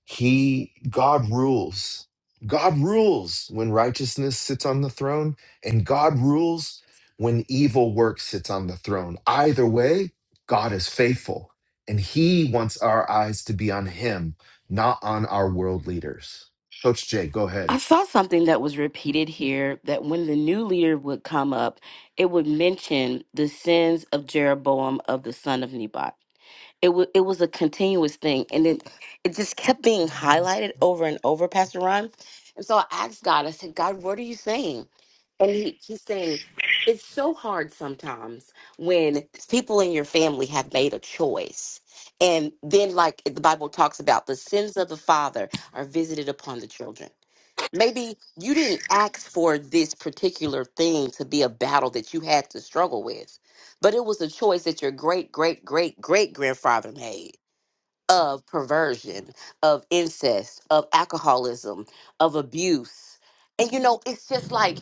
S1: he, God rules. God rules when righteousness sits on the throne, and God rules when evil work sits on the throne. Either way, God is faithful, and he wants our eyes to be on him, not on our world leaders. Coach Jay, go ahead.
S7: I saw something that was repeated here that when the new leader would come up, it would mention the sins of Jeroboam of the son of Nebat. It, wa it was a continuous thing, and it, it just kept being highlighted over and over, Pastor Ron. And so I asked God, I said, God, what are you saying? And he, he's saying, it's so hard sometimes when people in your family have made a choice. And then, like the Bible talks about, the sins of the father are visited upon the children. Maybe you didn't ask for this particular thing to be a battle that you had to struggle with, but it was a choice that your great, great, great, great grandfather made of perversion, of incest, of alcoholism, of abuse. And you know, it's just like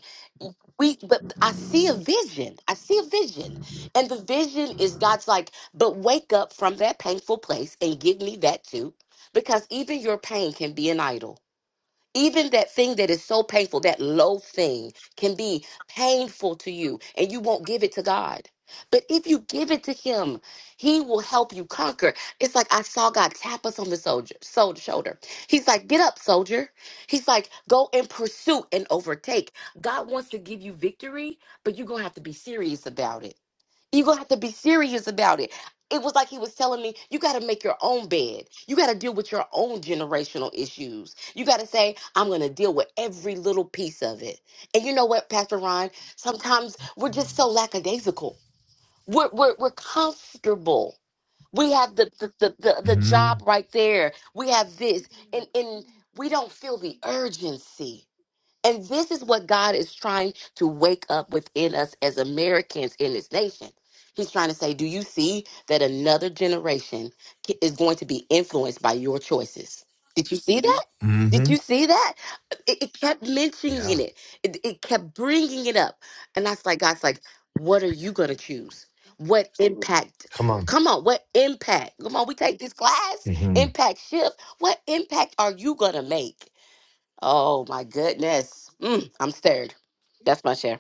S7: we, but I see a vision. I see a vision. And the vision is God's like, but wake up from that painful place and give me that too. Because even your pain can be an idol even that thing that is so painful, that low thing, can be painful to you and you won't give it to God. But if you give it to Him, He will help you conquer. It's like I saw God tap us on the soldier, sol- shoulder. He's like, Get up, soldier. He's like, Go and pursue and overtake. God wants to give you victory, but you're going to have to be serious about it. You're gonna have to be serious about it. It was like he was telling me, you gotta make your own bed. You gotta deal with your own generational issues. You gotta say, I'm gonna deal with every little piece of it. And you know what, Pastor Ron? Sometimes we're just so lackadaisical. We're we're we're comfortable. We have the the, the, the, the
S1: hmm
S7: job right there. We have this. And and we don't feel the urgency and this is what God is trying to wake up within us as Americans in this nation. He's trying to say, Do you see that another generation ki- is going to be influenced by your choices? Did you see Mhm. that? Did you see that? It, it kept mentioning
S1: Yeah.
S7: it. it, it kept bringing it up. And that's like, God's like, What are you going to choose? What Mhm. impact?
S1: Come on.
S7: Come on, what impact? Come on, we take this class,
S1: hmm
S7: impact shift. What impact are you going to make? Oh my goodness. Mm, I'm stirred. That's my share.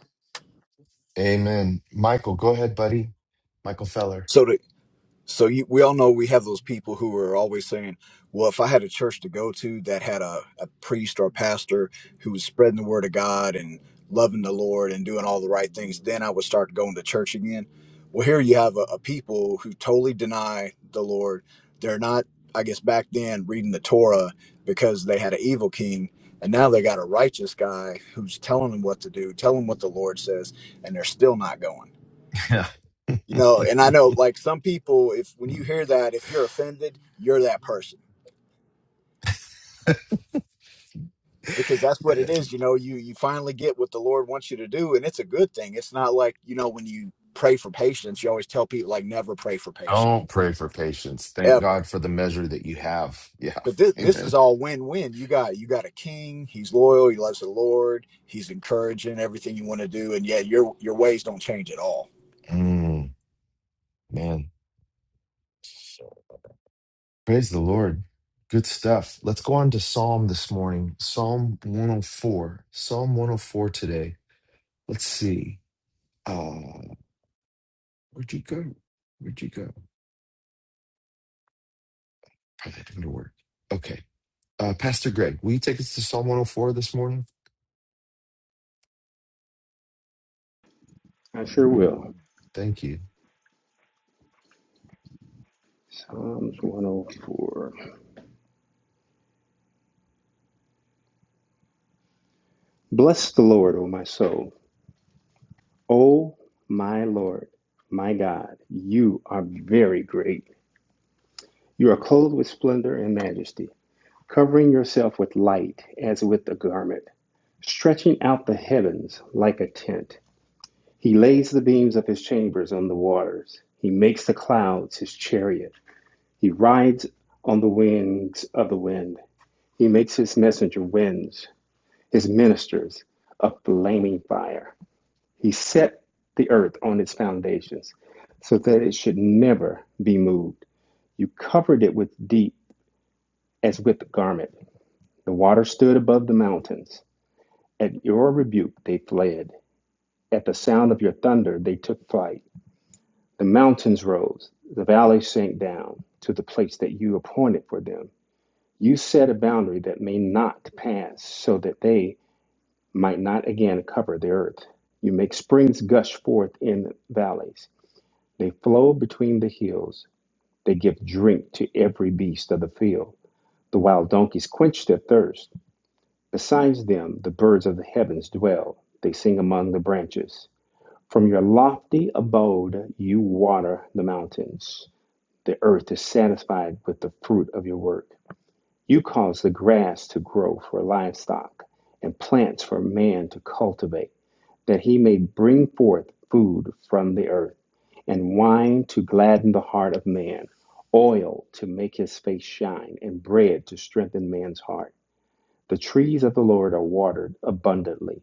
S1: Amen. Michael, go ahead, buddy. Michael Feller.
S8: So to, so you, we all know we have those people who are always saying, "Well, if I had a church to go to that had a, a priest or a pastor who was spreading the word of God and loving the Lord and doing all the right things, then I would start going to church again." Well, here you have a, a people who totally deny the Lord. They're not, I guess, back then reading the Torah because they had an evil king, and now they got a righteous guy who's telling them what to do, telling them what the Lord says, and they're still not going.
S1: Yeah.
S8: You know, and I know like some people, if when you hear that, if you're offended, you're that person because that's what it is. You know, you you finally get what the Lord wants you to do, and it's a good thing. It's not like you know when you pray for patience, you always tell people like never pray for patience
S1: Don't pray for patience. Thank
S8: ever.
S1: God for the measure that you have. Yeah.
S8: But this this
S1: Amen.
S8: is all win win. You got you got a king. He's loyal. He loves the Lord. He's encouraging everything you want to do, and yeah, your your ways don't change at all.
S1: Mm, man. Praise the Lord. Good stuff. Let's go on to Psalm this morning. Psalm 104. Psalm 104 today. Let's see. Uh, where'd you go? Where'd you go? Probably didn't work. Okay. Uh, Pastor Greg, will you take us to Psalm 104 this morning?
S9: I sure will.
S1: Thank you.
S9: Psalms 104. Bless the Lord, O my soul. O my Lord, my God, you are very great. You are clothed with splendor and majesty, covering yourself with light as with a garment, stretching out the heavens like a tent. He lays the beams of his chambers on the waters. He makes the clouds his chariot. He rides on the wings of the wind. He makes his messenger winds. his ministers a flaming fire. He set the earth on its foundations so that it should never be moved. You covered it with deep as with a garment. The water stood above the mountains. At your rebuke they fled. At the sound of your thunder they took flight. The mountains rose, the valleys sank down to the place that you appointed for them. You set a boundary that may not pass so that they might not again cover the earth. You make springs gush forth in valleys. They flow between the hills. They give drink to every beast of the field. The wild donkeys quench their thirst. Besides them, the birds of the heavens dwell. They sing among the branches. From your lofty abode, you water the mountains. The earth is satisfied with the fruit of your work. You cause the grass to grow for livestock and plants for man to cultivate. that he may bring forth food from the earth, and wine to gladden the heart of man, oil to make his face shine, and bread to strengthen man's heart. The trees of the Lord are watered abundantly,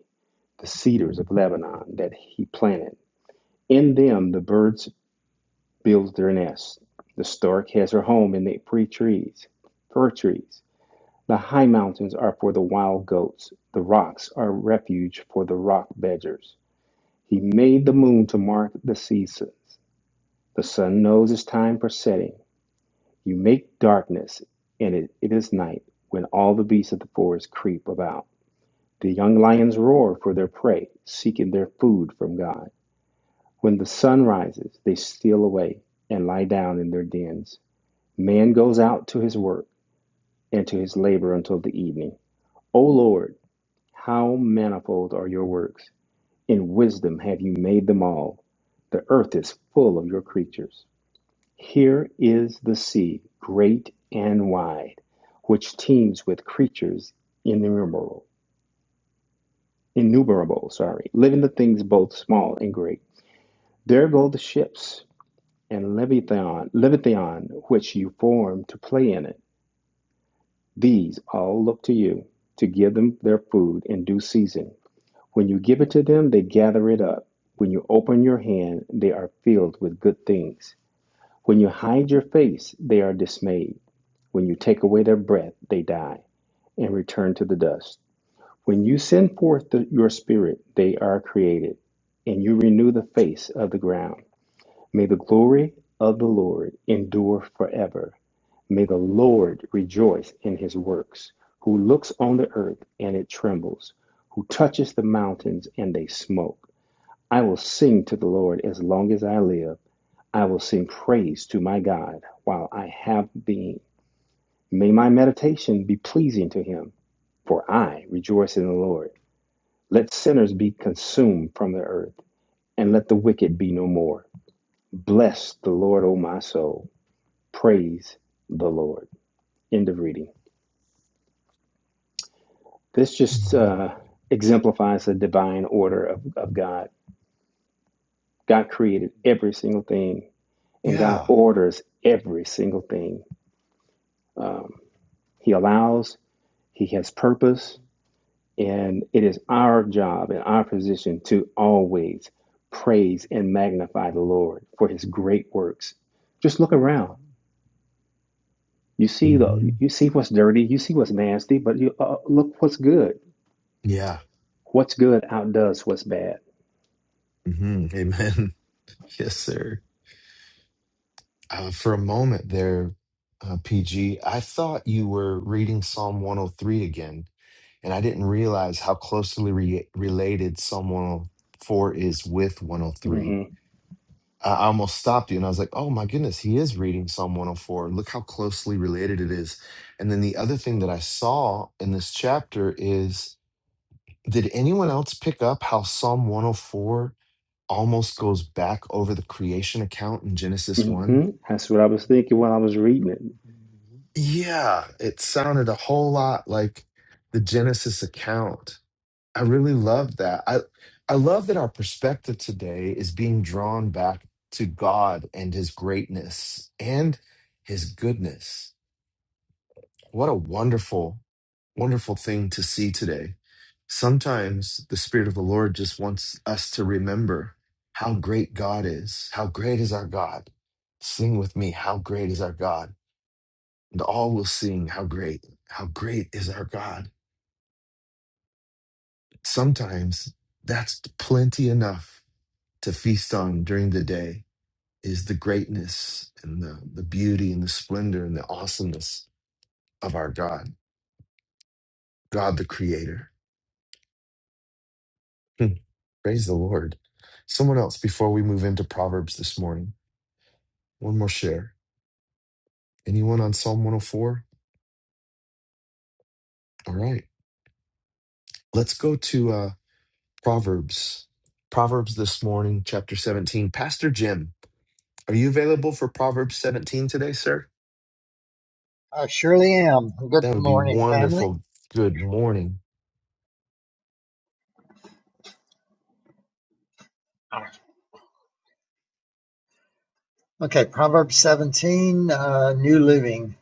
S9: the cedars of Lebanon that he planted. In them the birds build their nests. The stork has her home in the free trees, fir trees. The high mountains are for the wild goats, the rocks are refuge for the rock badgers. He made the moon to mark the seasons. The sun knows its time for setting. You make darkness, and it, it is night, when all the beasts of the forest creep about. The young lions roar for their prey, seeking their food from God. When the sun rises, they steal away and lie down in their dens. Man goes out to his work and to his labor until the evening. O Lord, how manifold are your works! In wisdom have you made them all. The earth is full of your creatures. Here is the sea, great and wide, which teems with creatures innumerable, innumerable, sorry, living the things both small and great. There go the ships and Leviathan, Leviathan, which you formed to play in it. These all look to you to give them their food in due season. When you give it to them, they gather it up. When you open your hand, they are filled with good things. When you hide your face, they are dismayed. When you take away their breath, they die and return to the dust. When you send forth the, your spirit, they are created, and you renew the face of the ground. May the glory of the Lord endure forever. May the Lord rejoice in his works, who looks on the earth and it trembles, who touches the mountains and they smoke. I will sing to the Lord as long as I live. I will sing praise to my God while I have being. May my meditation be pleasing to him, for I rejoice in the Lord. Let sinners be consumed from the earth, and let the wicked be no more. Bless the Lord, O my soul. Praise the Lord. End of reading. This just
S1: Amen.
S9: uh, exemplifies the divine order of, of God. God created every single thing, and God
S1: Yeah.
S9: orders every single thing. Um, he allows, He has purpose, And it is our job and our position to always praise and magnify the Lord for his great works. Just look around. You see the
S1: hmm
S9: you see what's dirty, you see what's nasty, but you uh, look what's good.
S1: Yeah.
S9: What's good outdoes what's bad.
S1: hmm Amen. yes, sir. Uh, for a moment there, uh, PG, I thought you were reading Psalm 103 again, and I didn't realize how closely re- related Psalm 104 is with 103.
S9: hmm
S1: I I almost stopped you and I was like, oh my goodness, he is reading Psalm 104. Look how closely related it is. And then the other thing that I saw in this chapter is did anyone else pick up how Psalm 104 almost goes back over the creation account in Genesis 1?
S9: hmm That's what I was thinking while I was reading it.
S1: Yeah, it sounded a whole lot like the Genesis account. I really love that. I I love that our perspective today is being drawn back to God and his greatness and his goodness. What a wonderful wonderful thing to see today. Sometimes the spirit of the Lord just wants us to remember how great God is. How great is our God? Sing with me, how great is our God? And all will sing, how great, how great is our God. Sometimes that's plenty enough to feast on during the day is the greatness and the, the beauty and the splendor and the awesomeness of our God, God the Creator. Hmm. Praise the Lord. Someone else before we move into Proverbs this morning. One more share. Anyone on Psalm 104? All right. Let's go to uh, Proverbs. Proverbs this morning, chapter 17. Pastor Jim, are you available for Proverbs 17 today, sir?
S10: I surely am. Good
S1: That would be
S10: morning, family.
S1: wonderful. Good morning.
S10: Okay, Proverbs 17, uh, New Living.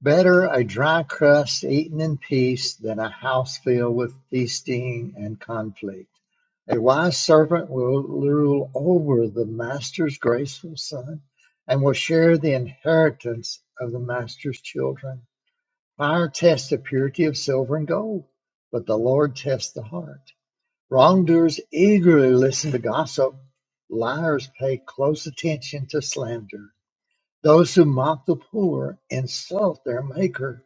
S10: Better a dry crust eaten in peace than a house filled with feasting and conflict. A wise servant will rule over the master's graceful son and will share the inheritance of the master's children. Fire tests the purity of silver and gold, but the Lord tests the heart. Wrongdoers eagerly listen to gossip; liars pay close attention to slander. Those who mock the poor insult their Maker.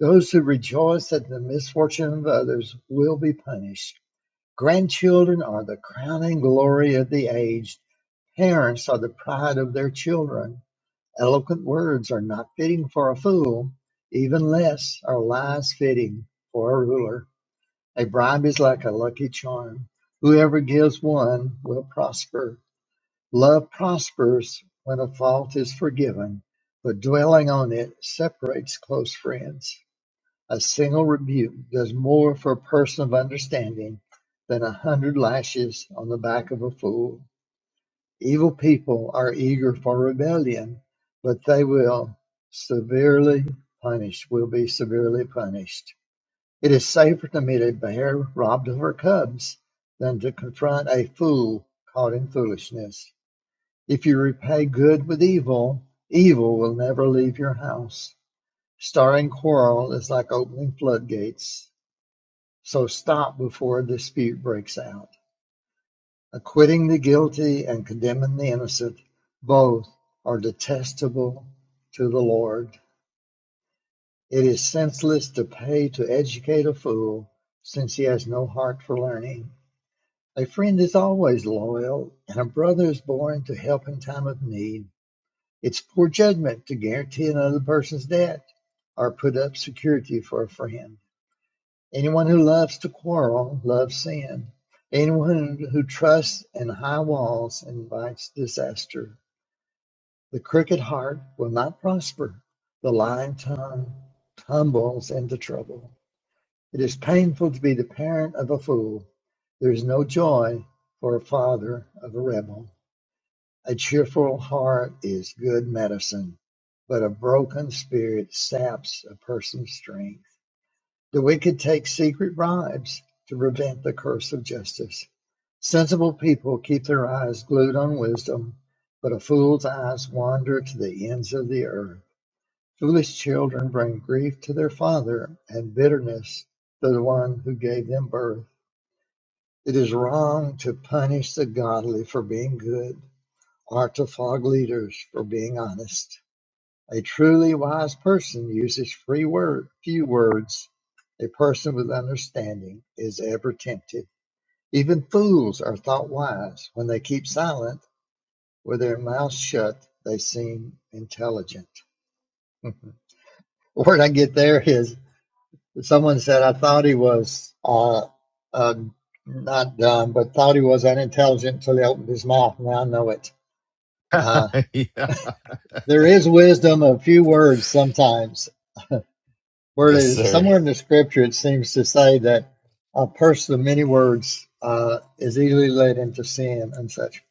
S10: Those who rejoice at the misfortune of others will be punished. Grandchildren are the crowning glory of the aged. Parents are the pride of their children. Eloquent words are not fitting for a fool, even less are lies fitting for a ruler. A bribe is like a lucky charm. Whoever gives one will prosper. Love prospers when a fault is forgiven, but dwelling on it separates close friends. A single rebuke does more for a person of understanding than a hundred lashes on the back of a fool. Evil people are eager for rebellion, but they will severely punished, will be severely punished. It is safer to meet a bear robbed of her cubs than to confront a fool caught in foolishness. If you repay good with evil, evil will never leave your house. Starting quarrel is like opening floodgates, so stop before a dispute breaks out. Acquitting the guilty and condemning the innocent, both are detestable to the Lord. It is senseless to pay to educate a fool, since he has no heart for learning. A friend is always loyal, and a brother is born to help in time of need. It's poor judgment to guarantee another person's debt or put up security for a friend. Anyone who loves to quarrel loves sin. Anyone who who trusts in high walls invites disaster. The crooked heart will not prosper. The lying tongue tumbles into trouble. It is painful to be the parent of a fool; there is no joy for a father of a rebel. A cheerful heart is good medicine, but a broken spirit saps a person's strength. The wicked take secret bribes to prevent the curse of justice. Sensible people keep their eyes glued on wisdom, but a fool's eyes wander to the ends of the earth. Foolish children bring grief to their father and bitterness to the one who gave them birth. It is wrong to punish the godly for being good or to flog leaders for being honest. A truly wise person uses free word, few words. A person with understanding is ever tempted. Even fools are thought wise. When they keep silent, with their mouths shut, they seem intelligent. The word I get there is Someone said I thought he was uh, uh, not dumb, but thought he was unintelligent until he opened his mouth. Now I know it. Uh,
S1: yeah.
S10: there is wisdom of few words sometimes. Where
S1: Yes, sir.
S10: somewhere in the scripture it seems to say that a person of many words uh, is easily led into sin and such.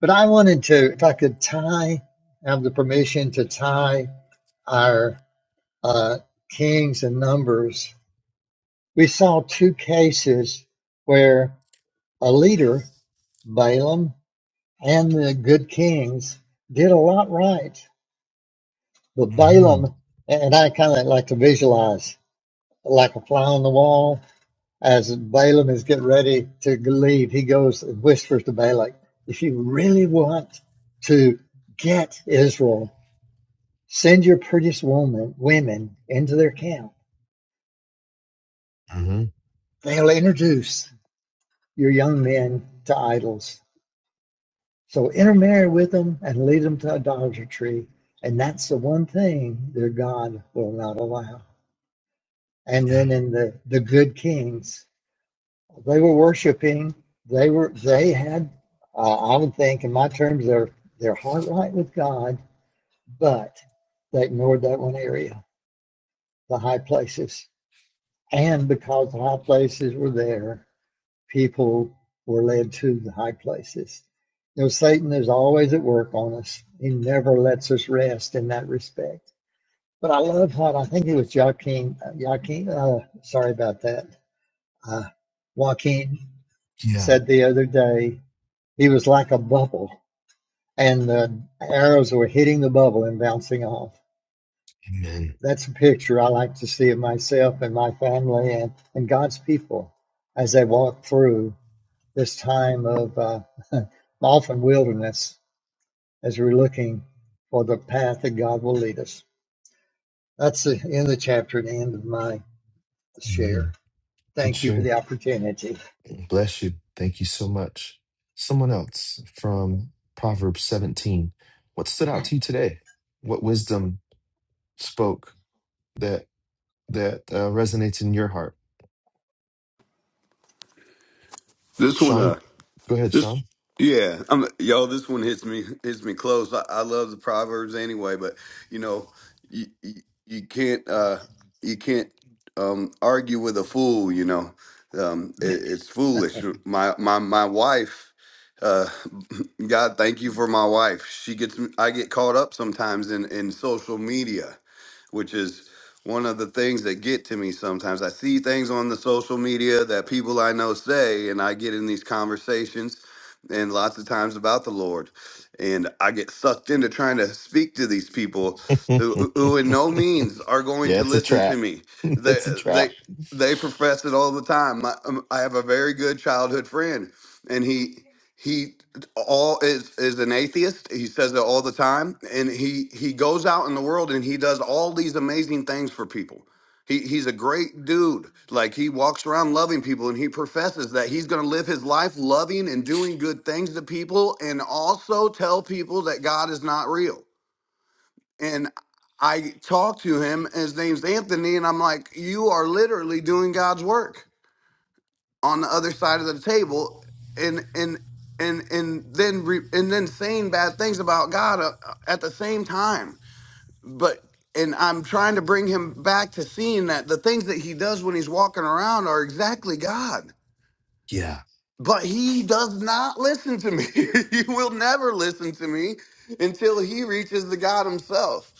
S10: But I wanted to, if I could tie, have the permission to tie our uh, kings and numbers. We saw two cases where A leader, Balaam and the good kings did a lot right, but
S1: hmm
S10: Balaam and I kind of like to visualize like a fly on the wall as Balaam is getting ready to leave. He goes and whispers to Balak, "If you really want to get Israel, send your prettiest woman women into their camp.
S1: hmm
S10: They'll introduce your young men to idols." So intermarry with them and lead them to idolatry. And that's the one thing their God will not allow. And
S1: Yeah.
S10: then in the, the good kings, they were worshiping. They were they had, uh, I would think, in my terms, their their heart right with God, but they ignored that one area, the high places. And because the high places were there, people were led to the high places. You know, Satan is always at work on us. He never lets us rest in that respect. But I love how I think it was Joaquin. Joaquin, uh, sorry about that. Uh, Joaquin
S1: Yeah.
S10: said the other day he was like a bubble, and the arrows were hitting the bubble and bouncing off.
S1: Amen.
S10: That's a picture I like to see of myself and my family and, and God's people as they walk through. this time of uh, often wilderness as we're looking for the path that God will lead us. That's the end of the chapter and the end of my share.
S1: Amen. Good
S10: Thank you for
S1: share.
S10: the opportunity.
S1: Bless you. Thank you so much. Someone else from Proverbs 17. What stood out to you today? What wisdom spoke that that uh, resonates in your heart?
S11: This one,
S1: Sean,
S11: uh,
S1: go ahead,
S11: this,
S1: Sean.
S11: yeah, I'm, yo, this one hits me hits me close. I, I love the proverbs anyway, but you know, you you, you can't uh, you can't um, argue with a fool. You know, um, it, it's foolish. My my my wife, uh, God, thank you for my wife. She gets me- I get caught up sometimes in in social media, which is one of the things that get to me sometimes i see things on the social media that people i know say and i get in these conversations and lots of times about the Lord. And I get sucked into trying to speak to these people
S1: yeah,
S11: who, who in no means are going to
S1: it's a
S11: listen
S1: trap.
S11: to me. They,
S1: It's a
S11: they,
S1: trap.
S11: they profess it all the time. My, um, I have a very good childhood friend, and he he all is is an atheist. He says it all the time, and he he goes out in the world and he does all these amazing things for people. He, he's a great dude. Like he walks around loving people and he professes that he's going to live his life loving and doing good things to people and also tell people that God is not real. And I talked to him, and his name's Anthony, and I'm like, you are literally doing God's work on the other side of the table and and and and then re, and then saying bad things about God uh, uh, at the same time but and I'm trying to bring him back to seeing that the things that he does when he's walking around are exactly God.
S1: Yeah.
S11: But he does not listen to me. he will never listen to me until he reaches the God himself.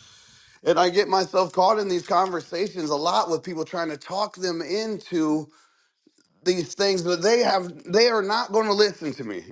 S11: And I get myself caught in these conversations a lot with people trying to talk them into these things, but they have they are not going to listen to me.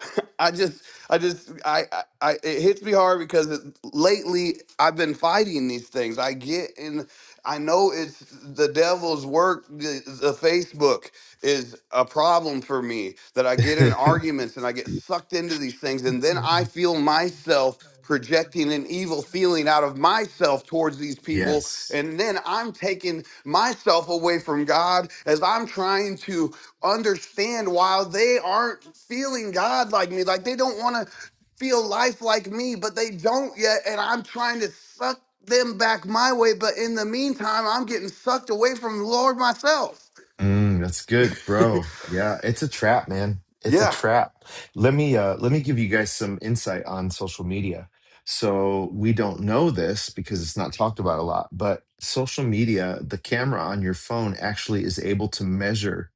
S11: I just, I just, I, I, I it hits me hard because it, lately I've been fighting these things. I get in, I know it's the devil's work. The, the Facebook is a problem for me that I get in arguments and I get sucked into these things, and then I feel myself projecting an evil feeling out of myself towards these people
S1: Yes.
S11: and then i'm taking myself away from god as i'm trying to understand why they aren't feeling God like me. Like they don't want to feel life like me, but they don't yet. And I'm trying to suck them back my way. But in the meantime, I'm getting sucked away from the Lord myself.
S1: Mm, that's good, bro. Yeah, it's a trap, man. It's a
S11: Yeah.
S1: trap. Let me uh let me give you guys some insight on social media. So we don't know this because it's not talked about a lot, but social media, the camera on your phone actually is able to measure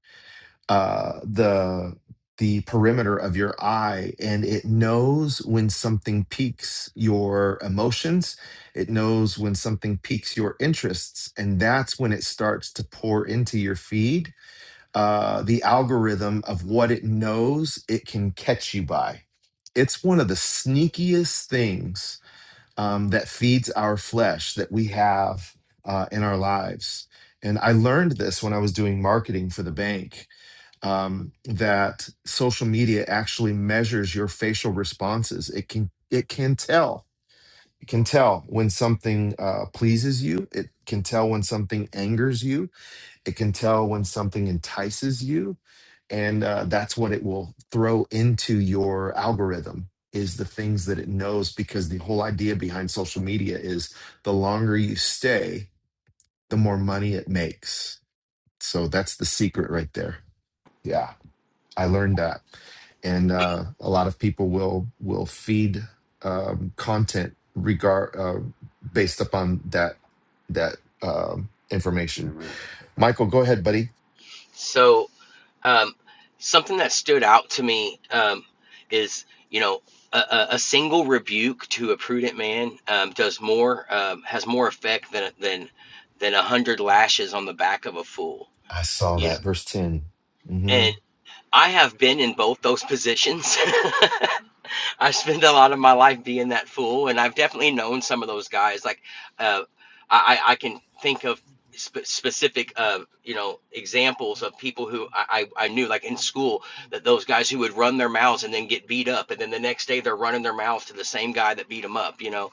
S1: uh, the the perimeter of your eye and it knows when something piques your emotions it knows when something piques your interests and that's when it starts to pour into your feed uh, the algorithm of what it knows it can catch you by it's one of the sneakiest things um, that feeds our flesh that we have uh, in our lives and i learned this when i was doing marketing for the bank um, that social media actually measures your facial responses. It can it can tell it can tell when something uh, pleases you. It can tell when something angers you. It can tell when something entices you, and uh, that's what it will throw into your algorithm is the things that it knows because the whole idea behind social media is the longer you stay the more money it makes so that's the secret right there yeah I learned that, and uh, a lot of people will will feed um, content regard uh, based upon that that um, information.
S11: Amen.
S1: Michael, go ahead, buddy.
S3: So Um, something that stood out to me um, is, you know, a, a a single rebuke to a prudent man um, does more, um, has more effect than than than a hundred lashes on the back of a fool.
S1: I saw
S3: You know,
S1: that verse 10 hmm
S3: and I have been in both those positions. I spent a lot of my life being that fool, and I've definitely known some of those guys. Like, uh, I I can think of sp- specific, uh, you know, examples of people who I, I I knew, like in school, that those guys who would run their mouths and then get beat up, and then the next day they're running their mouths to the same guy that beat them up. You know,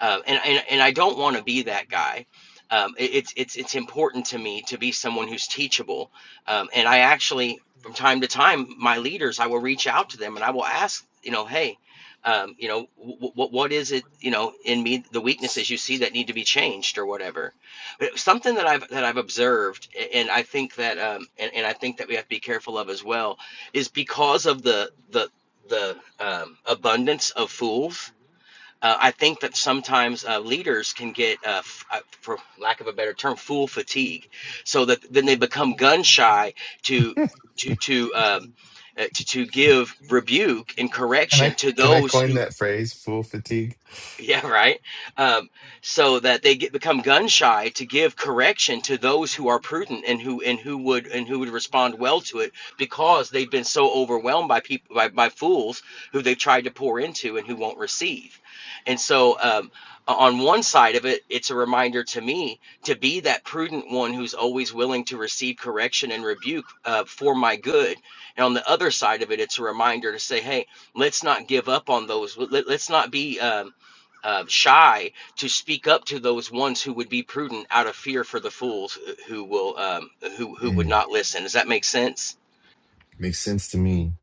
S3: um, and, and and I don't want to be that guy. Um, it- it's it's it's important to me to be someone who's teachable, um, and I actually from time to time my leaders I will reach out to them and I will ask you know hey. Um, you know what? What is it? You know, in me, the weaknesses you see that need to be changed, or whatever. But Something that I've that I've observed, a- and I think that, um, and, and I think that we have to be careful of as well, is because of the the the um, abundance of fools uh, I think that sometimes uh, leaders can get, uh, f- uh, for lack of a better term, fool fatigue, so that then they become gun shy to to to um, uh, to, to give rebuke and
S1: Can I
S3: correction to
S1: can I
S3: those
S1: coin
S3: who
S1: that phrase? Full fatigue.
S3: Yeah, right. Um, so that they get become gun shy to give correction to those who are prudent and who and who would and who would respond well to it because they've been so overwhelmed by people by, by fools who they've tried to pour into and who won't receive. And so um, on one side of it, it's a reminder to me to be that prudent one who's always willing to receive correction and rebuke uh, for my good. And on the other side of it, it's a reminder to say, hey, let's not give up on those. Let, let- let's not be. Um, uh, shy to speak up to those ones who would be prudent out of fear for the fools uh, who will um, who who would
S1: Mm,
S3: not listen. Does that make sense?
S1: makes sense to me.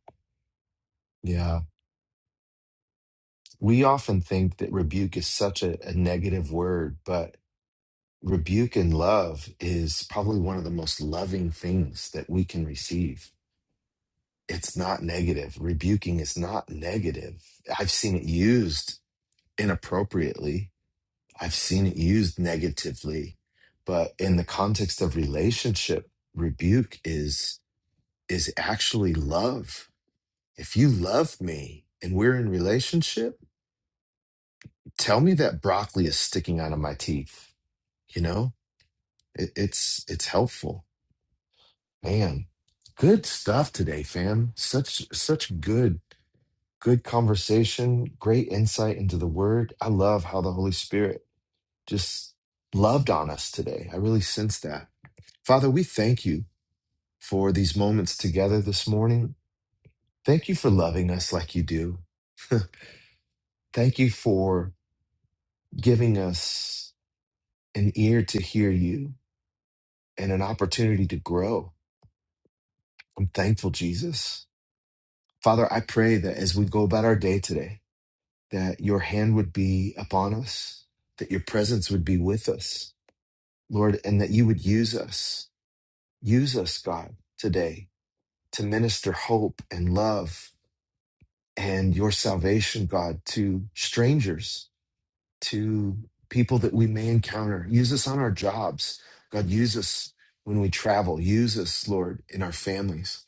S1: Yeah, we often think that rebuke is such a, a negative word, but rebuke and love is probably one of the most loving things that we can receive. It's not negative. Rebuking is not negative. I've seen it used inappropriately, I've seen it used negatively, but in the context of relationship, rebuke is is actually love. If you love me and we're in relationship, tell me that broccoli is sticking out of my teeth, you know? It, it's it's helpful Man, good stuff today, fam. Such such good good conversation, great insight into the word. I love how the Holy Spirit just loved on us today. I really sense that. Father, we thank you for these moments together this morning. Thank you for loving us like you do. Thank you for giving us an ear to hear you and an opportunity to grow. I'm thankful, Jesus. Father, I pray that as we go about our day today, that your hand would be upon us, that your presence would be with us, Lord, and that you would use us. Use us, God, today to minister hope and love and your salvation, God, to strangers, to people that we may encounter. Use us on our jobs. God, use us when we travel. Use us, Lord, in our families.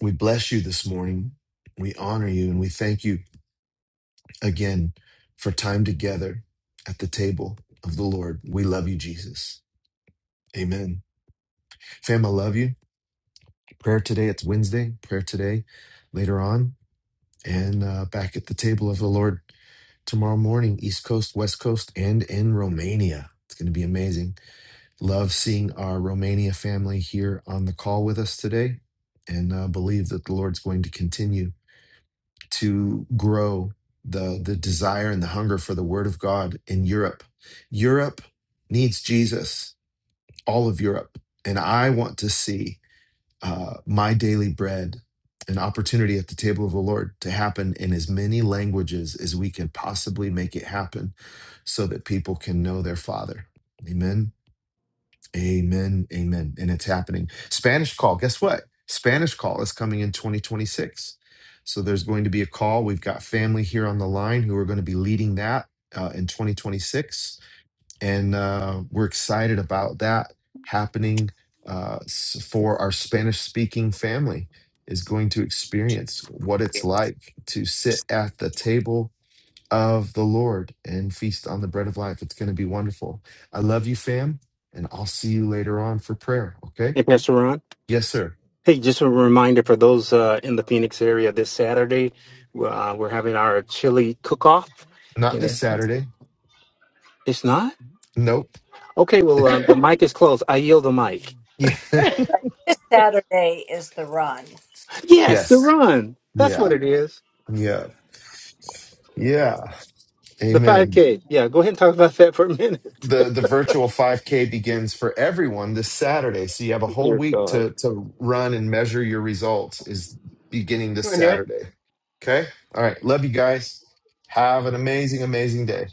S1: We bless you this morning. We honor you and we thank you again for time together at the table of the Lord. We love you, Jesus. Amen. Fam, I love you. Prayer today, it's Wednesday, prayer today, later on, and uh, back at the table of the Lord tomorrow morning, East Coast, West Coast, and in Romania. It's going to be amazing. Love seeing our Romania family here on the call with us today, and uh, believe that the Lord's going to continue to grow the the desire and the hunger for the word of God in Europe. Europe needs Jesus, all of Europe, and I want to see uh, my daily bread, an opportunity at the table of the Lord to happen in as many languages as we can possibly make it happen, so that people can know their Father. Amen. Amen. Amen. And it's happening. Spanish call. Guess what? Spanish call is coming in 2026. So there's going to be a call. We've got family here on the line who are going to be leading that uh, in 2026. And uh, we're excited about that happening uh, s- for our Spanish speaking family is going to experience what it's like to sit at the table of the Lord and feast on the bread of life. It's going to be wonderful. I love you, fam, and I'll see you later on for prayer. Okay?
S9: Hey, Pastor Ron.
S1: Yes, sir.
S9: Hey, just a reminder for those uh, in the Phoenix area this Saturday, uh, we're having our chili cook off.
S1: Not
S9: And
S1: this
S9: it-
S1: Saturday.
S9: it's not?
S1: Nope.
S9: Okay, well, uh, the mic is closed. I yield the mic.
S1: yeah.
S12: This Saturday is the run.
S9: Yes, the
S1: yes.
S9: run. That's what
S1: Yeah.
S9: it is.
S1: Yeah. Yeah.
S9: The
S1: Amen.
S9: 5K. Yeah, go ahead and talk about that for a minute.
S1: The the virtual 5K begins for everyone this Saturday. So you have a whole
S9: Dear
S1: week
S9: God.
S1: to to run and measure your results is beginning this
S13: You want to do it?
S1: Saturday. Okay? All right. Love you guys. Have an amazing, amazing day.